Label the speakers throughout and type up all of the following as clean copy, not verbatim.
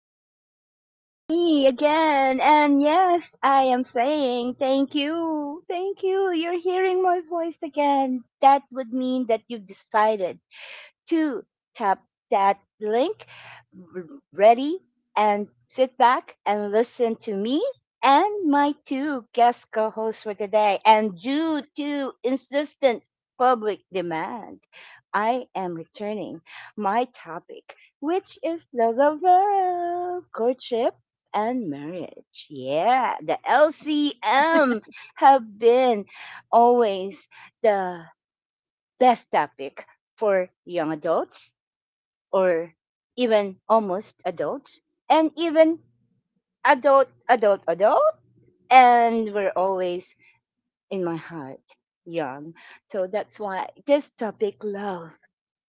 Speaker 1: Yes, it's me again. And yes, I am saying thank you. Thank you. You're hearing my voice again. That would mean that you decided to tap that link, r- ready, and sit back and listen to me and my two guest co hosts for today. And due to insistent public demand, I am returning my topic, which is love, love, love, courtship. And marriage. Yeah, the LCM have been always the best topic for young adults or even almost adults and even adult adult adult and we're always in my heart young, so that's why this topic love,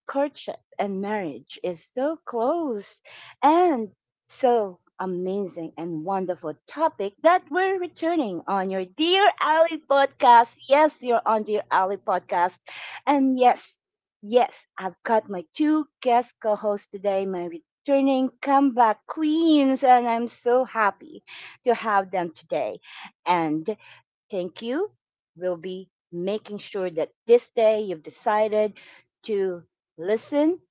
Speaker 1: courtship and marriage is so close and so amazing and wonderful topic that we're returning on your Dear Ali podcast. Yes, you're on Dear Ali podcast. And yes, yes, I've got my two guest co hosts today, my returning comeback queens, and I'm so happy to have them today. And thank you. We'll be making sure that this day you've decided to listen,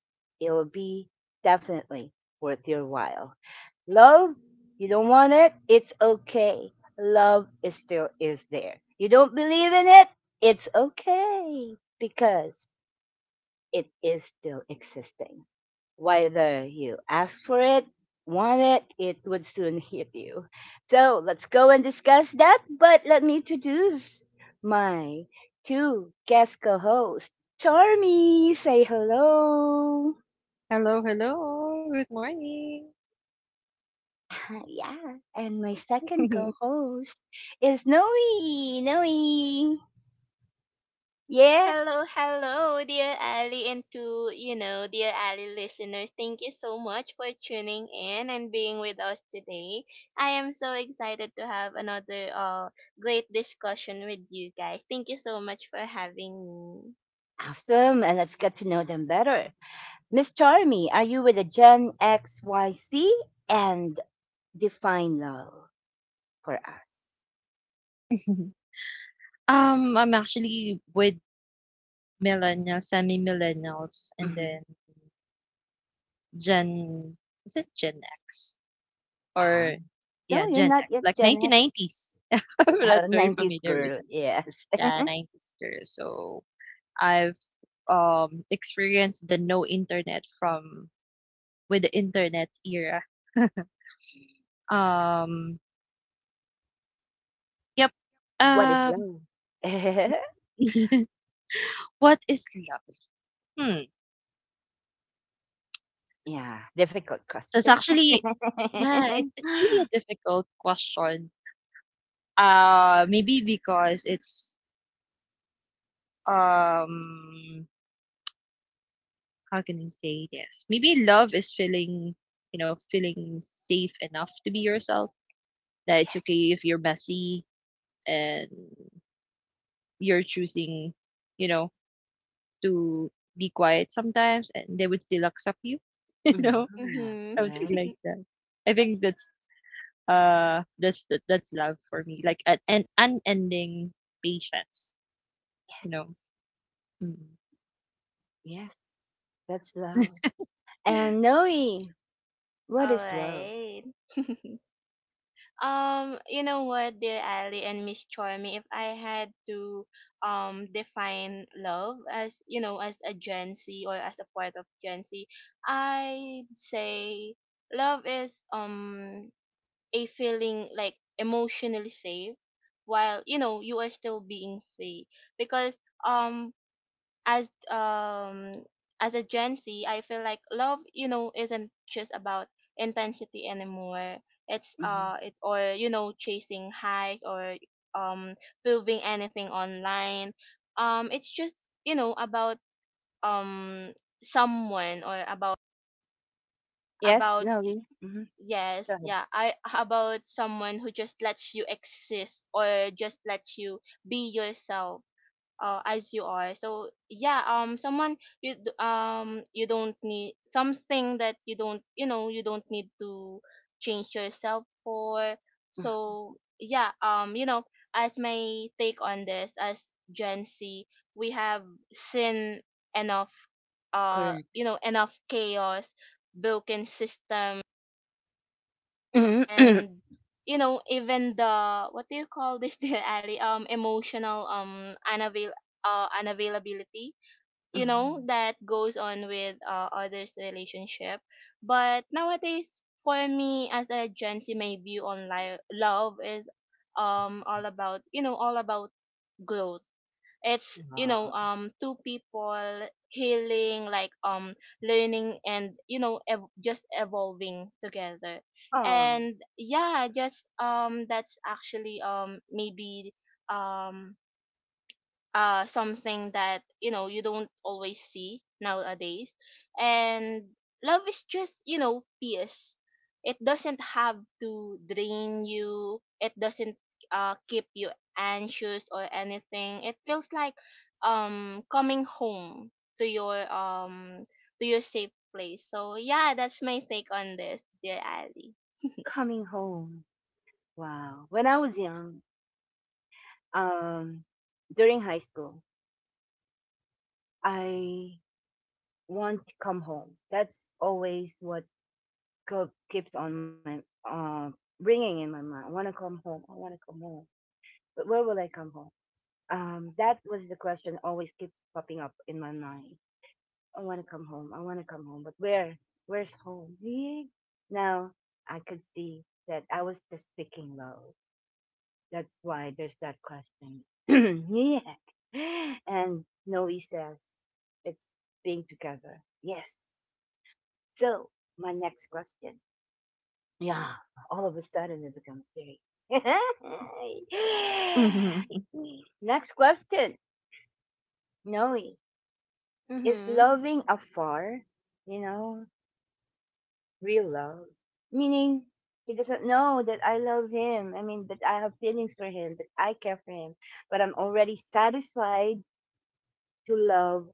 Speaker 1: it'll be definitely worth your while. Love, you don't want it? It's okay. Love is still is there. You don't believe in it? It's okay, because it is still existing. Whether you ask for it, want it, it would soon hit you. So let's go and discuss that. But let me introduce my two guest co hosts. Charmy, say hello.
Speaker 2: Hello, hello. Good morning.
Speaker 1: Yeah. And my second co host is Noe. Noe. Yeah.
Speaker 3: Hello, hello, dear Ali, and to dear Ali listeners, thank you so much for tuning in and being with us today. I am so excited to have another great discussion with you guys. Thank you so much for having me.
Speaker 1: Awesome. And let's get to know them better. Miss Charmy, are you with the Gen XYC? And define love for us?
Speaker 2: I'm actually with millennials, semi-millennials, and
Speaker 1: Hmm.
Speaker 2: then Gen, is it Gen X?
Speaker 1: Ah,
Speaker 2: Or,
Speaker 1: no,
Speaker 2: yeah,
Speaker 1: you're
Speaker 2: Gen
Speaker 1: not
Speaker 2: X,
Speaker 1: yet
Speaker 2: like
Speaker 1: Gen X.
Speaker 2: 1990s. I'm not very
Speaker 1: 90s
Speaker 2: familiar with
Speaker 1: girl.
Speaker 2: it.
Speaker 1: Yes.
Speaker 2: Yeah, 90s years. So I've experienced the no internet from with the internet era. Um, yep.
Speaker 1: What is
Speaker 2: Um,
Speaker 1: love?
Speaker 2: what is love? Hmm.
Speaker 1: Yeah. Difficult
Speaker 2: That's
Speaker 1: question.
Speaker 2: actually, yeah, it's really a difficult question. Maybe because it's um how can I say this? Maybe love is feeling safe enough to be yourself. That it's
Speaker 1: Yes.
Speaker 2: okay if you're messy, and you're choosing, you know, to be quiet sometimes, and they would still accept you, you
Speaker 1: Hmm.
Speaker 2: know,
Speaker 3: Mhm.
Speaker 2: something like
Speaker 1: Correct.
Speaker 2: that. I think that's love for me. Like an unending patience, you
Speaker 1: Yes.
Speaker 2: know. Mm.
Speaker 1: Yes. That's love. And Noe, what
Speaker 3: All
Speaker 1: is love?
Speaker 3: right. You know what, dear Ali and Miss Charmy, if I had to define love as you know as a Gen Z or as a part of Gen Z, I'd say love is a feeling like emotionally safe while you are still being free because as um as a Gen Z, I feel like love, isn't just about intensity anymore. It's
Speaker 1: Hmm.
Speaker 3: it or chasing highs or um proving anything online. It's just about um someone or
Speaker 1: Yes,
Speaker 3: about
Speaker 1: Noe. Hmm.
Speaker 3: yes
Speaker 1: Go ahead.
Speaker 3: yeah I about someone who just lets you exist or just lets you be yourself as you are. So yeah, someone you don't need something that you don't need to change yourself for.
Speaker 1: Mm.
Speaker 3: So yeah, as my take on this, as Gen Z, we have seen enough, uh,
Speaker 1: Correct.
Speaker 3: you know, enough chaos, broken system,
Speaker 1: Mhm.
Speaker 3: and even the what do you call this dear Ali, emotional, unavailability,
Speaker 1: Hmm.
Speaker 3: that goes on with, others' relationship. But nowadays, for me as a Gen Z, my view on love is all about growth. It's
Speaker 1: Aw.
Speaker 3: two people healing, like learning, and just evolving together.
Speaker 1: Oh.
Speaker 3: And yeah, just that's actually maybe um something that you don't always see nowadays. And love is just peace. It doesn't have to drain you. It doesn't keep you anxious or anything. It feels like coming home to your um to your safe place. So yeah, that's my take on this, dear Ali.
Speaker 1: Coming home. Wow. When I was young, um, during high school, I want to come home. That's always what keeps on my, uh, ringing in my mind. I want to come home. I want to come home. But where will I come home? That was the question always keeps popping up in my mind. I want to come home. I want to come home. But where? Where's home? Now I could see that I was just seeking love. That's why there's that question. Yeah. And Noe says, it's being together. Yes. So, my next question. Yeah. All of a sudden, it becomes serious.
Speaker 2: Mhm.
Speaker 1: Next question. Noe, is
Speaker 3: Mhm.
Speaker 1: loving afar, you know, real love? Meaning, he doesn't know that I love him. I mean, that I have feelings for him, that I care for him, but I'm already satisfied to love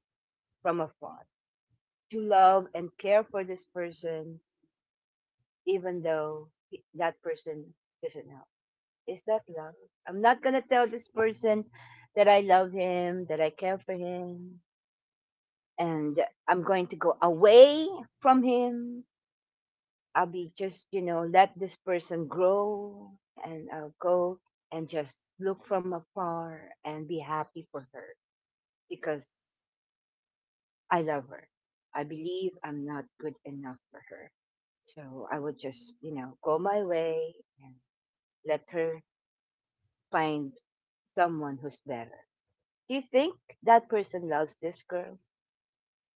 Speaker 1: from afar, to love and care for this person, even though that person doesn't help. Is that love? I'm not going to tell this person that I love him, that I care for him, and I'm going to go away from him. I'll be just, let this person grow, and I'll go and just look from afar and be happy for her, because I love her. I believe I'm not good enough for her. So I would just, go my way and let her find someone who's better. Do you think that person loves this girl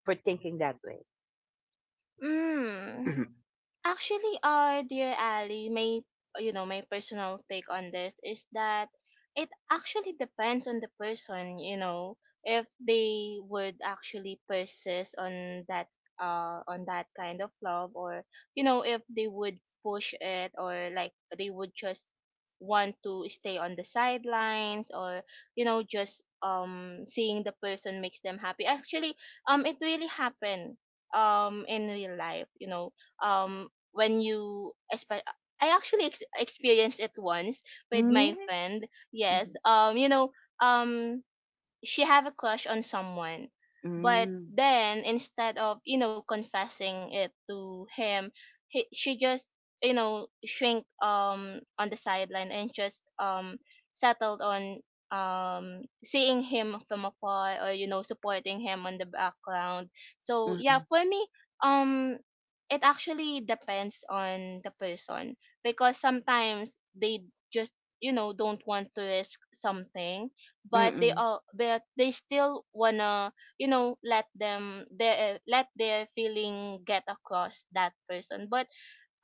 Speaker 1: for thinking that way?
Speaker 3: Mm.
Speaker 1: Mhm.
Speaker 3: Actually, dear Ali, my you know my personal take on this is that it actually depends on the person. You know, if they would actually persist on that kind of love, or if they would push it, or like they would just want to stay on the sidelines, or just seeing the person makes them happy. Actually, it really happened in real life. You know, um when you espe- I actually experienced it once with
Speaker 1: Mm.
Speaker 3: my
Speaker 1: Really?
Speaker 3: friend. Yes.
Speaker 1: Mhm.
Speaker 3: Um she have a crush on someone, but
Speaker 1: Mm.
Speaker 3: then instead of confessing it to him, she just shrink on the sideline and just settled on seeing him from afar, or supporting him on the background. So yeah,
Speaker 1: Mm-mm.
Speaker 3: for me, um it actually depends on the person because sometimes they just don't want to risk something, but they
Speaker 1: Mm-mm.
Speaker 3: still wanna, let them their let their feeling get across that person. But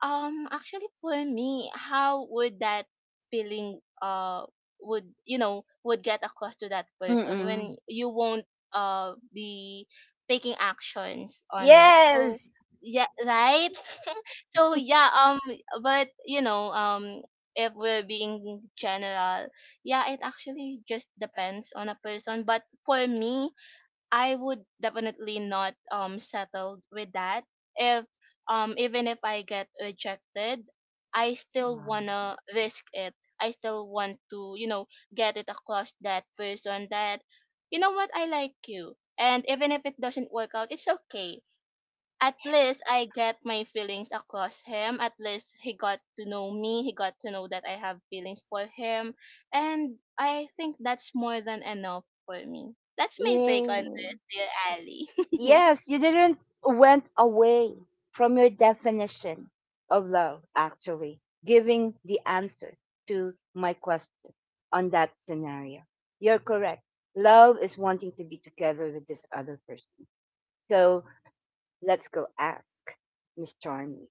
Speaker 3: actually, for me, how would that feeling would you know would get across to that person
Speaker 1: Mm-mm.
Speaker 3: when you won't be taking actions on it? So
Speaker 1: Yes.
Speaker 3: yeah, right. so yeah, um, but if we're being general, yeah, it actually just depends on a person. But for me, I would definitely not settle with that. If Even if I get rejected, I still
Speaker 1: Wow.
Speaker 3: wanna risk it. I still want to, get it across that person that, you know what, I like you. And even if it doesn't work out, it's okay. At least I get my feelings across him. At least he got to know me. He got to know that I have feelings for him. And I think that's more than enough for me. That's my take on
Speaker 1: Yay.
Speaker 3: this, dear Ali.
Speaker 1: Yes, you didn't went away from your definition of love, actually, giving the answer to my question on that scenario. You're correct. Love is wanting to be together with this other person. So let's go ask Miss Charmy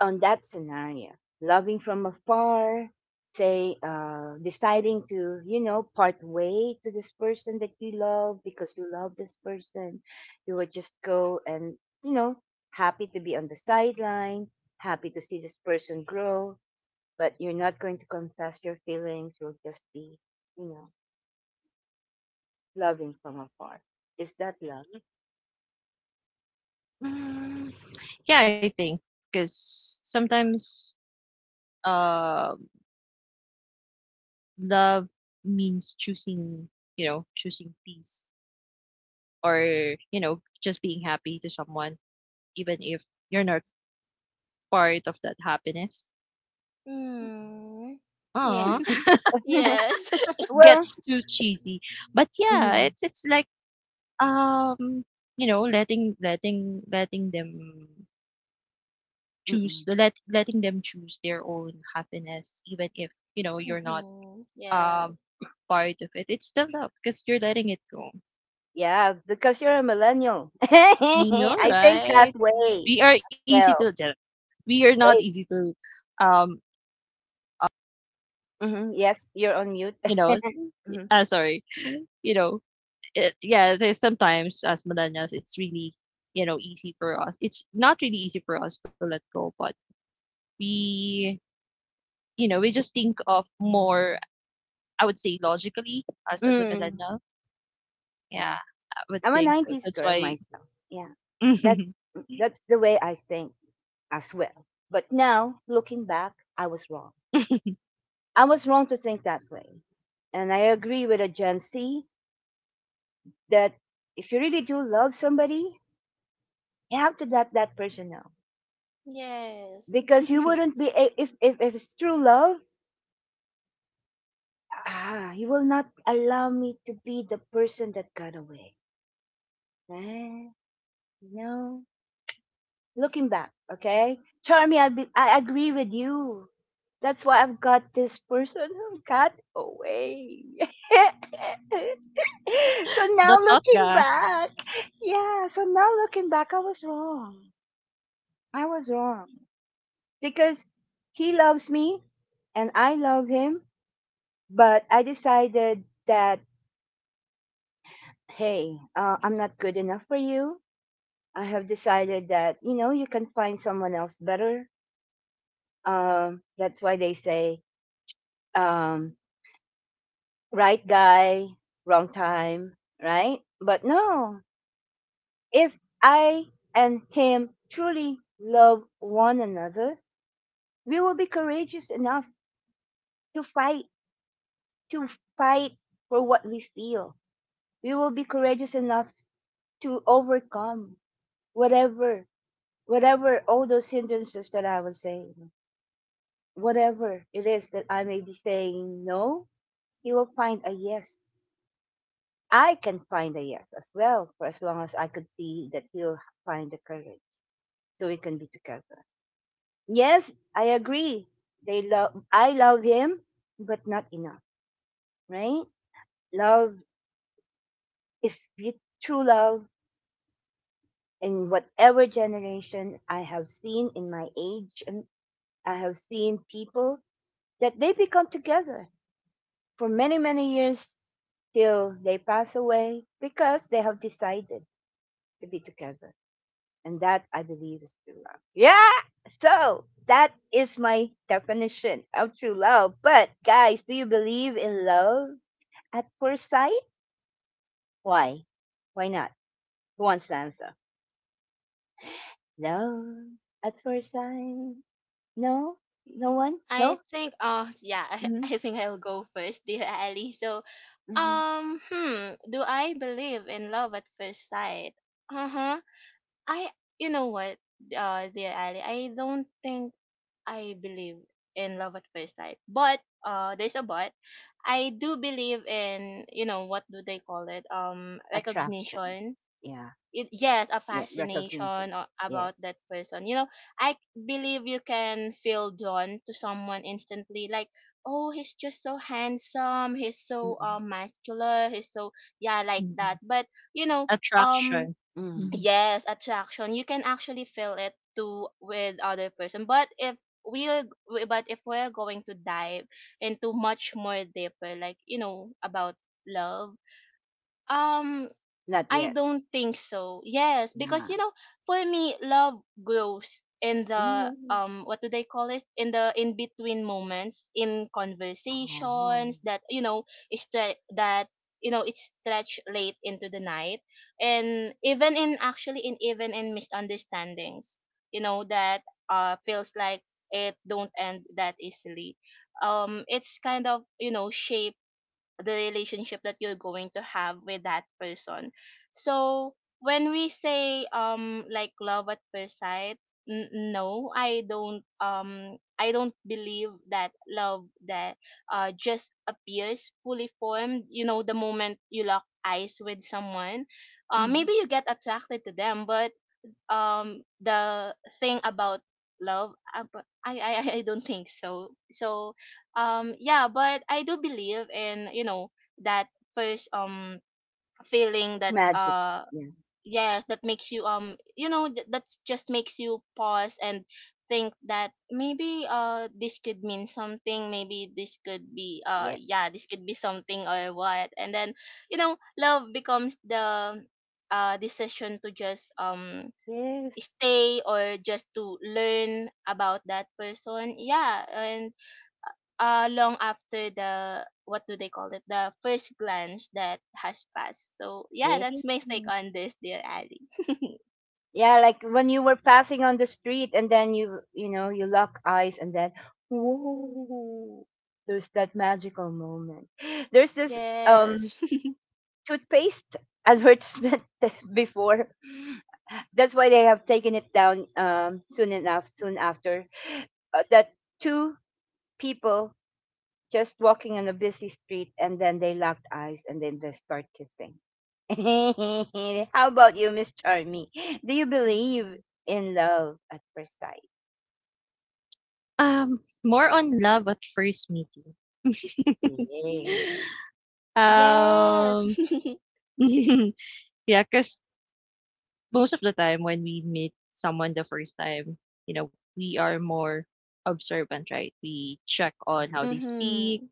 Speaker 1: on that scenario: loving from afar, say, deciding to, part way to this person that you love, because you love this person, you would just go and, you know happy to be on the sideline, happy to see this person grow, but you're not going to confess your feelings, you'll just be, you know loving from afar. Is that love?
Speaker 2: Mm, yeah, I think because sometimes uh, love means choosing peace, or, just being happy to someone, even if you're not part of that happiness.
Speaker 3: Mm.
Speaker 2: Aw,
Speaker 1: Yeah.
Speaker 3: Yes.
Speaker 2: gets
Speaker 1: Well.
Speaker 2: too cheesy. But yeah,
Speaker 1: Mhm.
Speaker 2: it's like, Um, letting them choose
Speaker 1: Mm-mm.
Speaker 2: let letting them choose their own happiness, even if, you're not
Speaker 3: Mm-hmm.
Speaker 2: um
Speaker 3: Yes.
Speaker 2: part of it. It's still love because you're letting it go.
Speaker 1: Yeah, because you're a millennial.
Speaker 2: I know,
Speaker 1: I think that
Speaker 2: right?
Speaker 1: way.
Speaker 2: We are easy
Speaker 1: Well,
Speaker 2: to judge. We are not
Speaker 1: wait.
Speaker 2: easy to, um,
Speaker 1: Hmm. Yes, you're on mute.
Speaker 2: you know,
Speaker 1: Mhm.
Speaker 2: sorry, you know, yeah. There's sometimes, as millennials, it's really, easy for us. It's not really easy for us to let go, but we we just think of more, I would say, logically, us as a
Speaker 1: Mm.
Speaker 2: millennial. Yeah,
Speaker 1: Yeah,
Speaker 2: I would
Speaker 1: I'm a
Speaker 2: think so.
Speaker 1: '90s
Speaker 2: That's
Speaker 1: girl
Speaker 2: why
Speaker 1: myself. Yeah, that's mm, that's the way I think as well. But now looking back, I was wrong. I was wrong to think that way, and I agree with a Gen Z that if you really do love somebody, you have to let that person know,
Speaker 3: Yes.
Speaker 1: because you wouldn't be if it's true love. Ah, you will not allow me to be the person that got away. Eh, no. Looking back, okay? Charmy, I agree with you. That's why I've got this person who got away. so
Speaker 2: the
Speaker 1: now
Speaker 2: thought
Speaker 1: looking
Speaker 2: ga
Speaker 1: back, yeah, so now looking back, I was wrong. I was wrong because he loves me and I love him, but I decided that, hey, I'm not good enough for you. I have decided that, you can find someone else better. That's why they say, um, right guy, wrong time, right? But no, if I and him truly love one another, we will be courageous enough to fight, to fight for what we feel. We will be courageous enough to overcome whatever, whatever all those hindrances that I was saying, whatever it is that I may be saying no, he will find a yes. I can find a yes as well, for as long as I could see that he'll find the courage so we can be together. Yes, I agree. They love I love him, but not enough, right? Love, if you true love in whatever generation, I have seen in my age and I have seen people that they become together for many, many years till they pass away, because they have decided to be together. And that I believe is true love. Yeah. So that is my definition of true love. But guys, do you believe in love at first sight? Why? Why not? Who wants to answer? Love at first sight. No? No one?
Speaker 3: I
Speaker 1: No?
Speaker 3: think oh yeah, I,
Speaker 1: Hmm.
Speaker 3: I think I'll go first, dear Ali. So
Speaker 1: Hmm.
Speaker 3: um hmm, do I believe in love at first sight? Uh-huh. I You know what, dear Ali, I don't think I believe in love at first sight. But there's a but. I do believe in, you know, what do they call it?
Speaker 1: Attraction.
Speaker 3: Recognition.
Speaker 1: Yeah.
Speaker 3: Yes, a
Speaker 1: Yeah. Recognition.
Speaker 3: fascination about
Speaker 1: Yes.
Speaker 3: that person. I believe you can feel drawn to someone instantly. Like, oh, he's just so handsome. He's so
Speaker 1: Mm-mm.
Speaker 3: muscular. He's so, yeah, like that.
Speaker 2: Mhm.
Speaker 3: But you know, um
Speaker 2: Attraction.
Speaker 1: Mm.
Speaker 2: Mhm.
Speaker 3: yes, attraction. You can actually feel it too with other person. But if we are, we- but if we're going to dive into much more deeper, like about love, um,
Speaker 1: Not
Speaker 3: I
Speaker 1: yet.
Speaker 3: don't think so. Yes, because
Speaker 1: Yeah.
Speaker 3: for me, love grows in the,
Speaker 1: Yeah.
Speaker 3: what do they call it? In the in between moments, in
Speaker 1: Oh.
Speaker 3: conversations that is stre- that you know, it's stretched late into the night, and even in misunderstandings, that feels like it don't end that easily. It's kind of, shape the relationship that you're going to have with that person. So when we say, like, love at first sight, no, I don't believe that love that just appears fully formed. The moment you lock eyes with someone,
Speaker 1: Mhm.
Speaker 3: maybe you get attracted to them, but the thing about love, but I don't think so. Yeah, but I do believe in, that first feeling that,
Speaker 1: Magic. Yeah.
Speaker 3: yes, that makes that just makes you pause and think that maybe, this could mean something. Maybe this could be,
Speaker 1: Yeah.
Speaker 3: yeah, this could be something or what. And then, love becomes the decision to just
Speaker 1: Yes.
Speaker 3: stay or just to learn about that person. Yeah. And long after the, what do they call it, the first glance that has passed. So yeah,
Speaker 1: Yeah.
Speaker 3: that's my take on this, dear Ali.
Speaker 1: Yeah, like when you were passing on the street and then you lock eyes and then, whoa, there's that magical moment. There's this
Speaker 3: Yes.
Speaker 1: toothpaste advertisement before. That's why they have taken it down, soon enough, soon after. That two people just walking on a busy street and then they locked eyes and then they start kissing. How about you, Miss Charmy? Do you believe in love at first sight?
Speaker 2: More on love at first meeting.
Speaker 3: Yes.
Speaker 2: um, yeah, because most of the time when we meet someone the first time, we are more observant, right? We check on
Speaker 1: Yeah.
Speaker 2: how they speak,
Speaker 3: Mhm.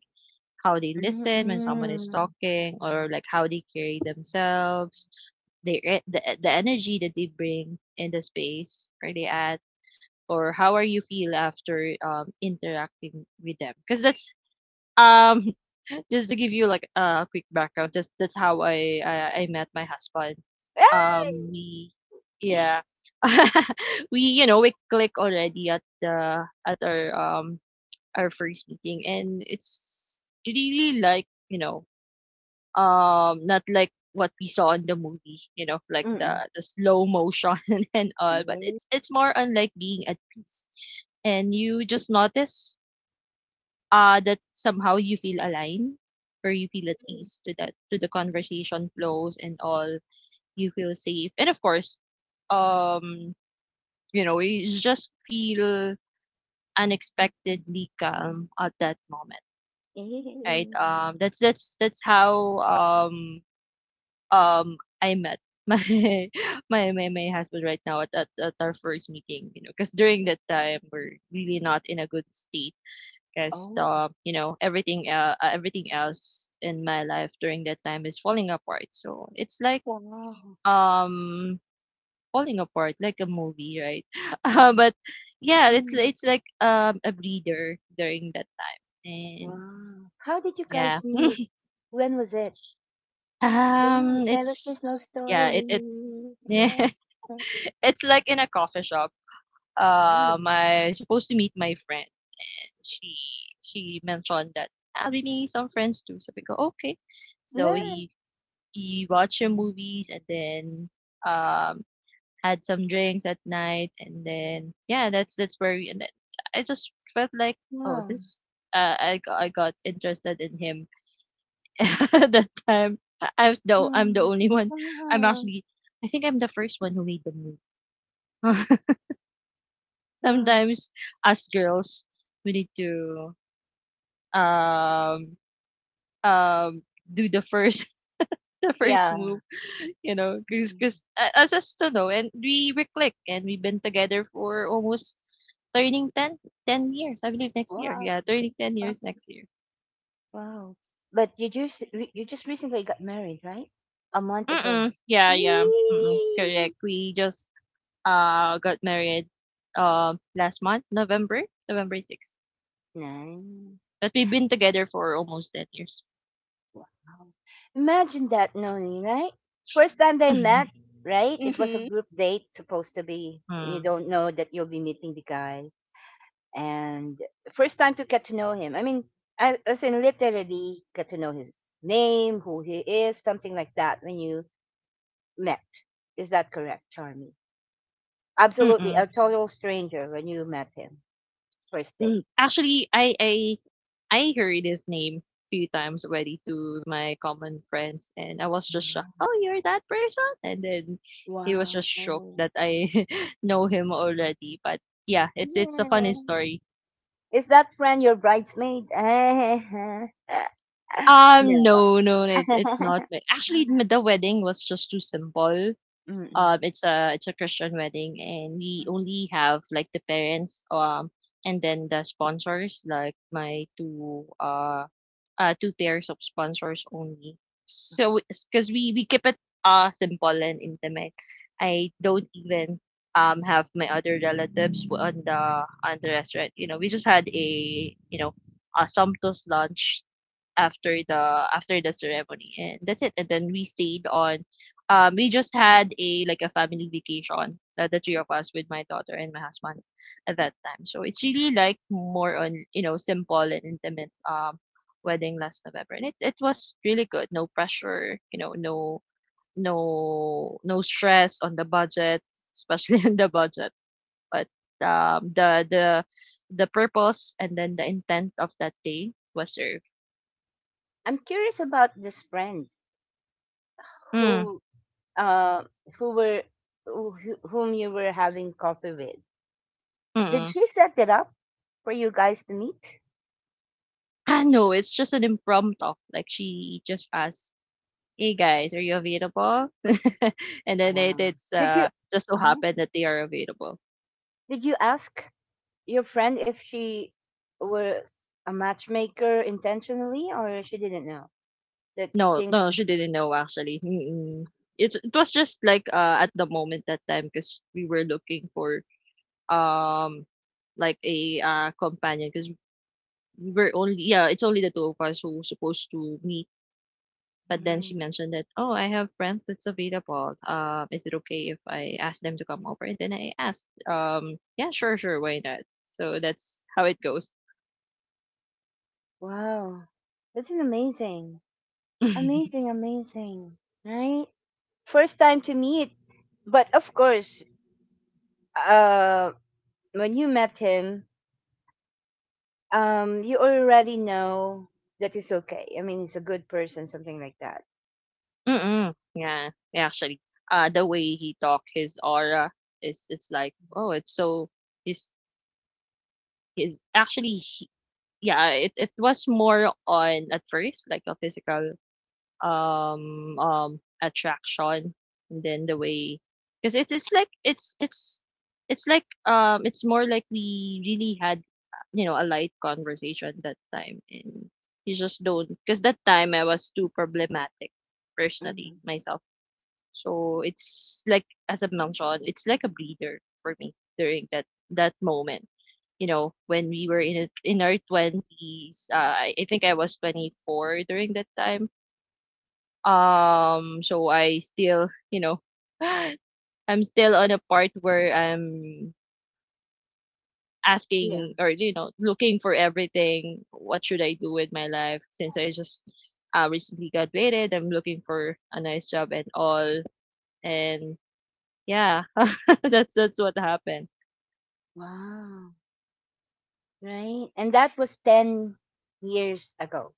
Speaker 2: how they listen when someone is
Speaker 1: Mm-mm.
Speaker 2: talking, or like how they carry themselves, they the energy that they bring in the space. Are they at, or how are you feel after interacting with them, because that's um just to give you, like, a quick background, just that's how I met my husband.
Speaker 1: Ah!
Speaker 2: We, yeah, we you know we click already at the at our first meeting, and it's really like, not like what we saw in the movie, you know, like the
Speaker 1: Mm-mm.
Speaker 2: the slow motion and all, but it's
Speaker 1: Yeah.
Speaker 2: it's more on like being at peace. And you just notice that somehow you feel aligned, or you feel at ease to that to the conversation flows and all. You feel safe, and of course, um you just feel unexpectedly calm at that moment, right?
Speaker 1: Yeah.
Speaker 2: That's how, I met my my husband right now at our first meeting, you know, because during that time we're really not in a good state. Because
Speaker 1: Oh,
Speaker 2: everything, everything else in my life during that time is falling apart. So it's like,
Speaker 1: wow.
Speaker 2: um falling apart, like a movie, right? But yeah, it's
Speaker 1: Mhm.
Speaker 2: it's like, a breather during that time, and
Speaker 1: Wow. How did you
Speaker 2: yeah,
Speaker 1: guys meet? When was it? Yeah, tell us your love
Speaker 2: it's yeah, it
Speaker 1: story. Yeah.
Speaker 2: It's like in a coffee shop.
Speaker 1: Oh,
Speaker 2: I supposed to meet my friend. She she mentioned that I'll be meeting some friends too. So we go, okay. So
Speaker 1: yeah.
Speaker 2: we watch some movies, and then um had some drinks at night, and then yeah, that's where we, and then I just felt like, oh
Speaker 1: Wow.
Speaker 2: this I got interested in him at that time. I'm the
Speaker 1: Mm.
Speaker 2: only one. I'm
Speaker 1: Wow.
Speaker 2: actually I think I'm the first one who made the move.
Speaker 1: Wow.
Speaker 2: Sometimes us girls we need to um um do the first the first move,
Speaker 1: Yeah. Mm.
Speaker 2: because I just don't know, and we click. And we've been together for almost turning ten years, I believe. Next year,
Speaker 1: Wow.
Speaker 2: yeah, turning 10
Speaker 1: Wow.
Speaker 2: years next year.
Speaker 1: Wow. But you just you just recently got married, right? A month ago.
Speaker 2: Mm-mm, yeah, yeah. Mm-mm.
Speaker 1: Eee!
Speaker 2: Correct, we just got married last month, November. November 6th.
Speaker 1: Nice.
Speaker 2: But we've been together for almost 10 years.
Speaker 1: Wow. Imagine that, Noni, right? First time they met, right? It was a
Speaker 3: Mhm.
Speaker 1: group date supposed to be. You
Speaker 2: Mm.
Speaker 1: don't know that you'll be meeting the guy. And first time to get to know him. I mean, I, as in literally get to know his name, who he is, something like that when you met. Is that correct, Charmy? Absolutely,
Speaker 2: Mm-mm.
Speaker 1: a total stranger when you met him first
Speaker 2: Mm,
Speaker 1: day.
Speaker 2: actually, I heard his name few times already to my common friends, and I was just shocked. Oh, you're that person, and then he was
Speaker 1: Wow.
Speaker 2: just shocked
Speaker 1: Oh.
Speaker 2: that I know him already. But yeah, it's a
Speaker 1: Yeah.
Speaker 2: funny story.
Speaker 1: Is that friend your bridesmaid? No.
Speaker 2: No, no, it's not. Actually, the wedding was just too simple.
Speaker 1: Mm-mm.
Speaker 2: It's a Christian wedding, and we only have, like, the parents, and then the sponsors, like, my two pairs of sponsors only. So, because we keep it simple and intimate. I don't even have my other relatives on the restaurant. You know, we just had a you know a sumptuous lunch after the ceremony, and that's it, and then we stayed on. We just had a, like, a family vacation, the three of us, with my daughter and my husband at that time. So it's really, like, more on, you know, simple and intimate wedding last November, and it was really good. No pressure, you know, no, no, no stress on the budget, especially on the budget. But um the the the purpose and then the intent of that day was served.
Speaker 1: I'm curious about this friend
Speaker 2: Mm,
Speaker 1: who uh who were whom you were having coffee with. Did
Speaker 2: mm.
Speaker 1: she set it up for you guys to meet?
Speaker 2: Ah, no, it's just an impromptu. Like, she just asked, "Hey guys, are you available?" And then it
Speaker 1: Wow.
Speaker 2: it's
Speaker 1: Did you,
Speaker 2: uh just so
Speaker 1: uh,
Speaker 2: happened that they are available.
Speaker 1: did you ask your friend if she was a matchmaker intentionally or she didn't know that
Speaker 2: No,
Speaker 1: things
Speaker 2: no,
Speaker 1: would,
Speaker 2: she didn't know, actually. Mm-mm. It was just like, at the moment, that time, because we were looking for um like a companion, because we were only, yeah, it's only the two of us who supposed to meet. But then
Speaker 1: right.
Speaker 2: she mentioned that, "Oh, I have friends that's available. Is it okay if I ask them to come over?" And then I asked, "Yeah, sure, sure, why not?" So that's how it goes.
Speaker 1: Wow. That's an amazing. Amazing, amazing. Right? First time to meet. But of course, uh when you met him, you already know that he's okay. I mean, he's a good person, something like that.
Speaker 2: Mm-mm. Yeah, yeah, actually, the way he talk, his aura is, it's like, oh, it's so he's he's actually he, yeah, it was more on at first like a physical attraction, and then the way, because it's more like we really had, a light conversation that time, and you just don't, because that time I was too problematic personally
Speaker 1: Hmm.
Speaker 2: myself. So it's like, as I mentioned, it's like a breather for me during that moment, you know, when we were in it in our 20s. I think I was 24 during that time. So I still, I'm still on a part where I'm
Speaker 1: Yeah.
Speaker 2: asking, or looking for everything. What should I do with my life, since I just, recently graduated? I'm looking for a nice job and all. And yeah, that's what happened.
Speaker 1: Wow. Right? And that was 10 years ago,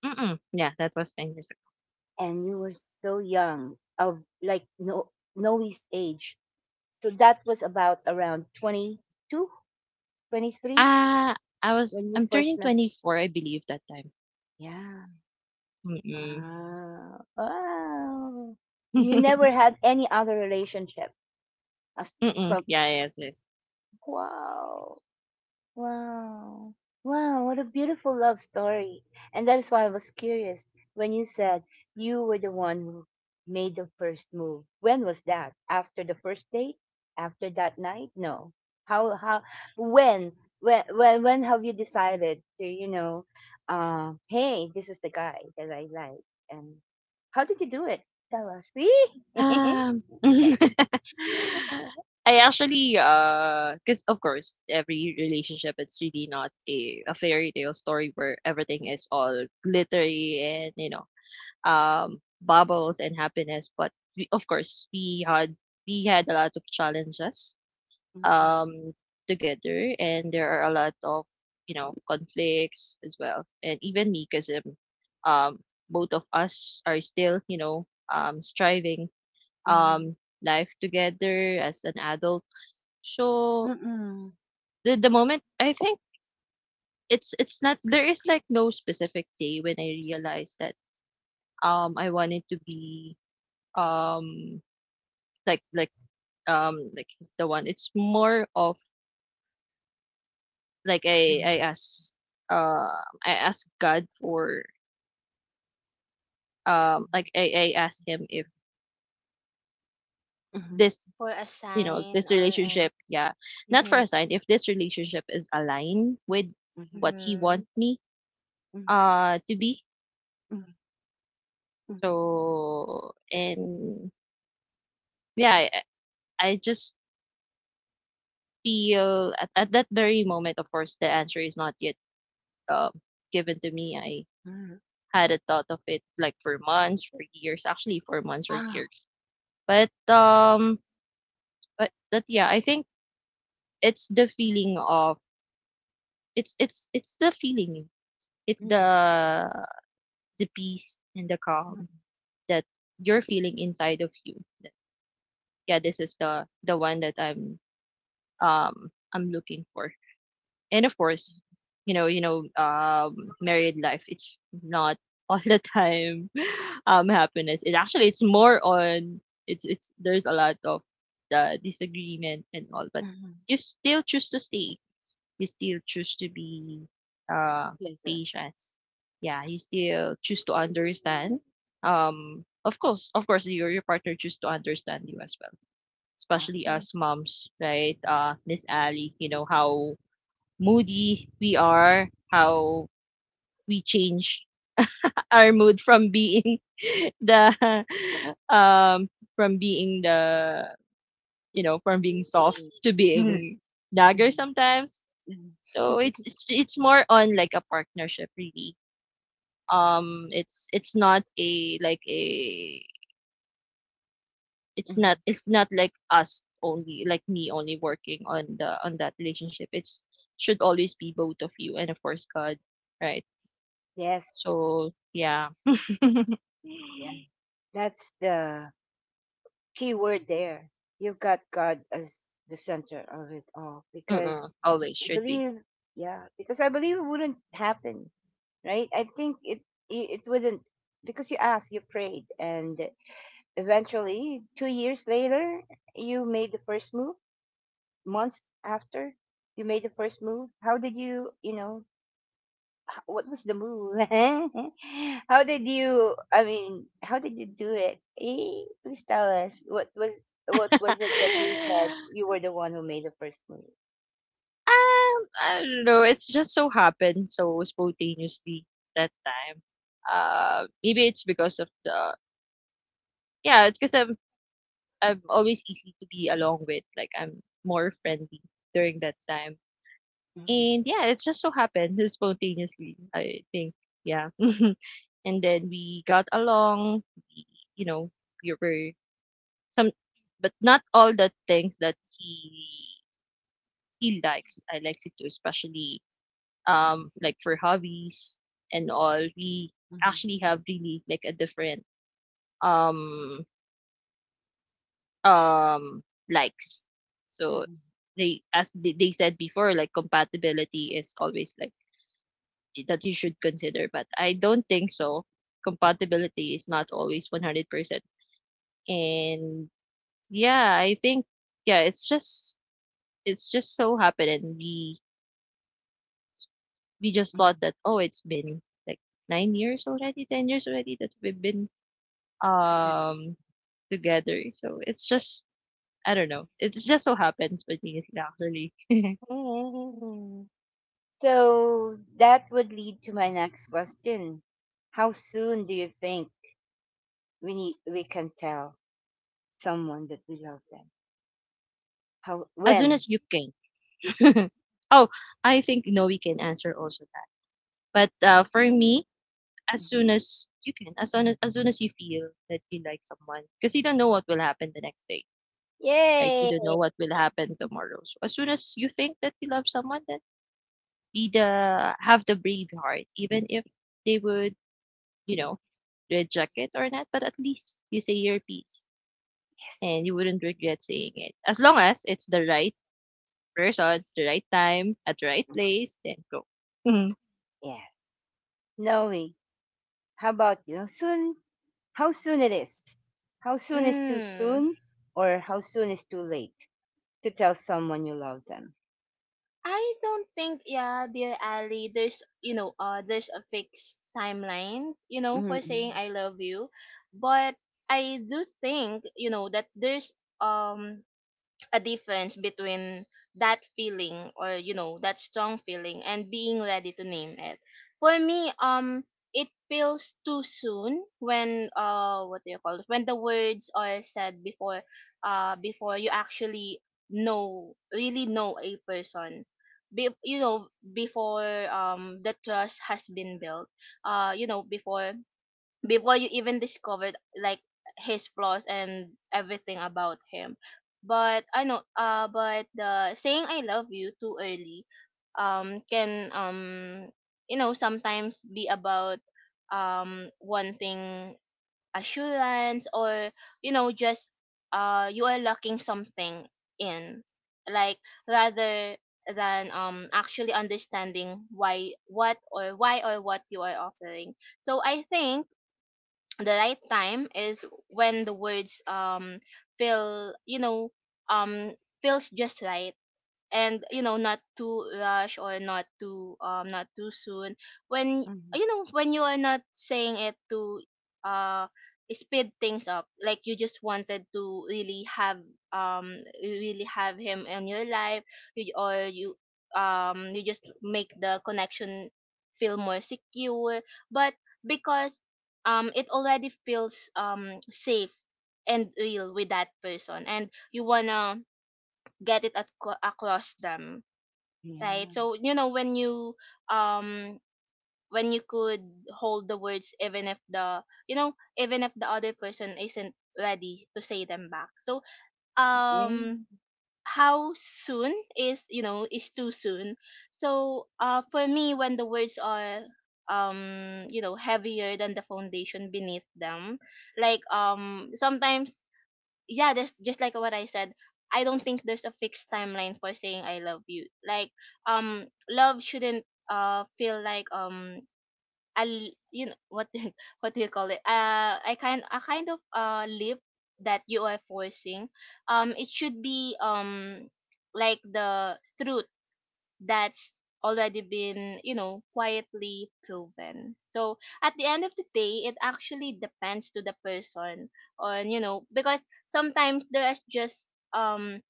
Speaker 2: Mm-mm. Yeah, that was 10 years ago.
Speaker 1: and you were so young, of like no Noe's age. So that was about around 22, 23
Speaker 2: Ah, I was
Speaker 1: when you
Speaker 2: I'm
Speaker 1: first
Speaker 2: turning
Speaker 1: met.
Speaker 2: 24, I believe that time.
Speaker 1: Yeah.
Speaker 2: Mm-mm.
Speaker 1: Wow. Wow. And you never had any other relationship as
Speaker 2: Mm-mm.
Speaker 1: from,
Speaker 2: Yeah, yes, yes.
Speaker 1: wow. Wow. Wow, what a beautiful love story. And that is why I was curious when you said you were the one who made the first move. When was that? After the first date? After that night? No. How, when when have you decided to, hey, this is the guy that I like, and how did you do it? Tell us. See?
Speaker 2: Um, I actually, because of course, every relationship, it's really not a fairy tale story where everything is all glittery, and, bubbles and happiness. But we, of course, we had a lot of challenges,
Speaker 1: Mhm.
Speaker 2: um, together. And there are a lot of, conflicts as well. And even me, because, um, both of us are still, striving, um, life together as an adult.
Speaker 1: Mhm.
Speaker 2: So
Speaker 1: Mhm.
Speaker 2: the moment, I think, it's not there is, like, no specific day when I realized that I wanted to be, um like like he's the one. It's more of, like, I
Speaker 1: Mhm.
Speaker 2: I ask, uh I ask God for, I ask him if
Speaker 1: Mhm.
Speaker 2: this,
Speaker 3: For a sign
Speaker 2: this
Speaker 3: or
Speaker 1: Mhm.
Speaker 2: relationship,
Speaker 3: an.
Speaker 2: yeah, not for
Speaker 3: Mhm.
Speaker 2: a sign, if this relationship is aligned with
Speaker 1: Mhm.
Speaker 2: what he
Speaker 3: Mhm.
Speaker 2: want me
Speaker 1: Mhm.
Speaker 2: to be.
Speaker 1: Mhm. Mhm.
Speaker 2: So, and yeah, I just feel, at that very moment, of course the answer is not yet um, given to me. I
Speaker 1: Mhm.
Speaker 2: had a thought of it, like for months, for years, actually, for months or
Speaker 1: Ah.
Speaker 2: years. But but yeah, I think it's the feeling of, it's the feeling. It's
Speaker 1: Mm. Mm.
Speaker 2: the peace and the
Speaker 1: Mm.
Speaker 2: calm that you're feeling inside of you. Yeah, this is the one that I'm looking for. And of course, you know, married life, it's not all the time happiness. It actually, it's
Speaker 1: Mm.
Speaker 2: more on, it's there's a lot of the disagreement and all, but
Speaker 1: Mhm.
Speaker 2: you still choose to stay. You still choose to be uh
Speaker 1: Pleasure.
Speaker 2: patient. Yeah,
Speaker 1: Yeah.
Speaker 2: you still choose to understand. Of course, your partner choose to understand you as well, especially
Speaker 1: Awesome.
Speaker 2: us moms, right? Miss Ali, you know how moody we are, how we change our mood from being the um from being the you know from being soft
Speaker 1: Agree.
Speaker 2: to
Speaker 1: Mhm.
Speaker 2: being dagger
Speaker 1: Mhm.
Speaker 2: sometimes.
Speaker 1: Mhm.
Speaker 2: So it's it's it's more on like a partnership really. It's not a like a it's not
Speaker 1: Mhm.
Speaker 2: it's not like us only, like me only working on the on that relationship. It's should always be both of you, and of course God, right?
Speaker 1: Yes.
Speaker 2: So yeah.
Speaker 1: Yeah. That's the key word there. You've got God as the center of it all, because
Speaker 2: Mm-mm, always
Speaker 1: I
Speaker 2: should be.
Speaker 1: believe, yeah, because I believe it wouldn't happen, right? I think it it wouldn't because you asked, you prayed, and eventually, 2 years later, you made the first move months after you made the first move? How did you, what was the move? How did you, how did you do it? Please tell us what was it that you
Speaker 2: um,
Speaker 1: said you were the one who made the first move?
Speaker 2: I don't know, it's just so happened so spontaneously that time. Maybe it's because of the, yeah, it's because I'm always easy to be along with, like I'm more friendly during that time.
Speaker 1: Mhm,
Speaker 2: And yeah, it just so happened spontaneously, I think. Yeah. And then we got along, you know, we were some, but not all the things that he likes. I likes it too, especially like for hobbies and all. We
Speaker 1: mhm,
Speaker 2: actually have really, like, a different um um likes. So
Speaker 1: mhm,
Speaker 2: they as they said before, like compatibility is always like that you should consider. But I don't think so. Compatibility is not always 100%. And yeah, I think, yeah, it's just so happened, and we just thought
Speaker 1: mhm.
Speaker 2: that, oh, it's been like 9 years already, 10 years already that we've been
Speaker 1: Definitely.
Speaker 2: um together. So it's just, I don't know. It just so happens, but actually.
Speaker 1: Mm. So that would lead to my next question. How soon do you think we can tell someone that we love them? How
Speaker 2: As soon
Speaker 1: when?
Speaker 2: as you can. Oh, I think Noe can answer also that. But for me, as soon as you can, as soon as you feel that you like someone, because you don't know what will happen the next day, right? We
Speaker 1: Yay!
Speaker 2: don't know what will happen tomorrow. So as soon as you think that you love someone, then be the have the brave heart, even if they would, you know, reject it or not. But at least you say your piece,
Speaker 1: Yes.
Speaker 2: and you wouldn't regret saying it, as long as it's the right person, the right time, at the right place. Then go. Mhm.
Speaker 1: Yeah. Knowing. How about you? Soon. How soon it is? How soon is too
Speaker 3: Mm.
Speaker 1: soon, or how soon is too late to tell someone you love them?
Speaker 3: I don't think, yeah, dear Ali, there's, there's a fixed timeline, you know, for saying
Speaker 1: Mm-mm.
Speaker 3: I love you, but I do think, you know, that there's um a difference between that feeling, or you know, that strong feeling and being ready to name it. For me, it feels too soon when, what do you call it, when the words are said before you actually know really know a person. You know, before the trust has been built, you know, before you even discovered, like, his flaws and everything about him. But I know, but the saying I love you too early can, you know, sometimes be about wanting assurance, or you know, just you are lacking something in, like, rather than actually understanding why, what, or why or what you are offering. So I think the right time is when the words feel, you know, um feels just right, and you know, not too rush, or not too not too soon, when,
Speaker 1: Mm-hmm.
Speaker 3: when you are not saying it to uh speed things up, like you just wanted to really have him in your life. You- or you You just make the connection feel more secure, but because it already feels safe and real with that person, and you wanna get it across them. Right?
Speaker 1: Yeah.
Speaker 3: So, you know, when you, um when you could hold the words even if the, you know, even if the other person isn't ready to say them back. So
Speaker 1: Yeah.
Speaker 3: um how soon is, you know, is too soon. So, for me, when the words are, you know, heavier than the foundation beneath them, like, sometimes, yeah, there's just like what I said. I don't think there's a fixed timeline for saying I love you. Like, love shouldn't feel like a you know, what do you, what do you call it? I kind a kind of, lip that you are forcing. It should be, like, the truth that's already been, you know, quietly proven. So at the end of the day, it actually depends to the person on, you know, because sometimes there's just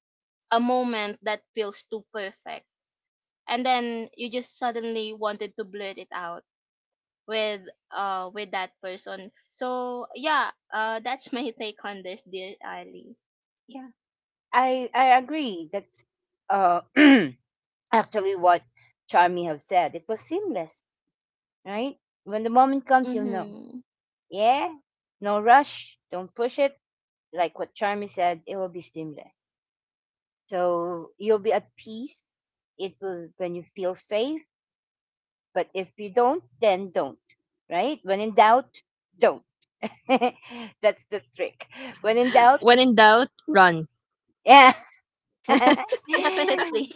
Speaker 3: a moment that feels too perfect. And then you just suddenly wanted to blurt it out with, with that person. So yeah, that's my take on this, dear Ali.
Speaker 1: Yeah. I agree. That's uh actually what Charmy have said. It was seamless, right? When the moment comes, you'll know.
Speaker 3: Mhm.
Speaker 1: Yeah. No rush. Don't push it. Like what Charmy said, it will be seamless. So you'll be at peace. It will when you feel safe. But if you don't, then don't. Right? When in doubt, don't. That's the trick. When in doubt,
Speaker 2: When in doubt, run.
Speaker 1: yeah.
Speaker 3: Definitely.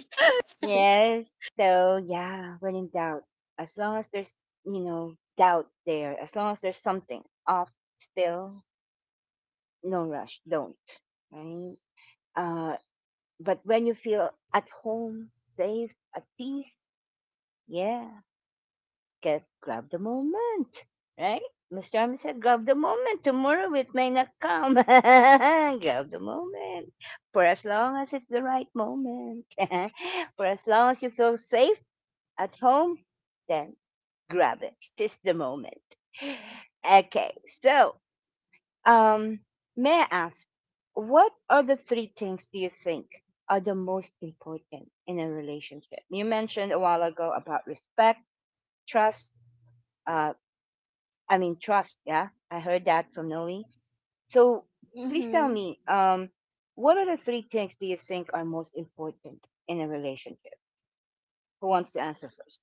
Speaker 1: Yes. So yeah, when in doubt, as long as there's doubt there, as long as there's something off still, no rush. Don't. Right. Uh, but when you feel at home, safe, at peace, yeah, get grab the moment, right? Mr. Army said, grab the moment. Tomorrow it may not come. Grab the moment. For as long as it's the right moment. For as long as you feel safe at home, then grab it. Seize the moment. Okay, so um, may I ask, what are the three things do you think are the most important in a relationship? You mentioned a while ago about respect, trust, uh, trust. Yeah, I heard that from Noe. So please tell
Speaker 3: Mhm.
Speaker 1: me, what are the three things do you think are most important in a relationship? Who wants to answer first?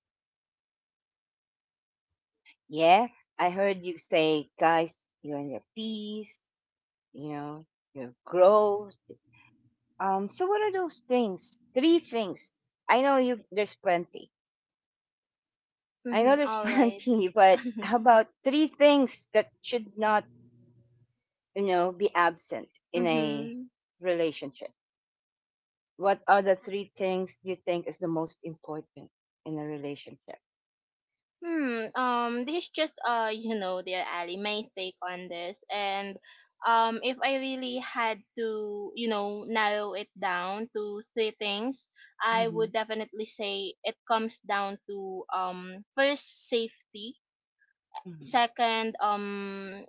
Speaker 1: Yeah, I heard you say, guys, you're in your peace, you know, your growth. So what are those things? Three things. I know you. There's plenty. I know
Speaker 3: Mhm.
Speaker 1: there's
Speaker 3: All right.
Speaker 1: plenty, but how about three things that should not, you know, be absent in
Speaker 3: Mm-hmm.
Speaker 1: a relationship? What are the three things you think is the most important in a relationship?
Speaker 3: Hmm. This is just. You know, dear Ali, my take on this, and if I really had to, you know, narrow it down to three things, I
Speaker 1: Mhm,
Speaker 3: would definitely say it comes down to first safety,
Speaker 1: mhm,
Speaker 3: second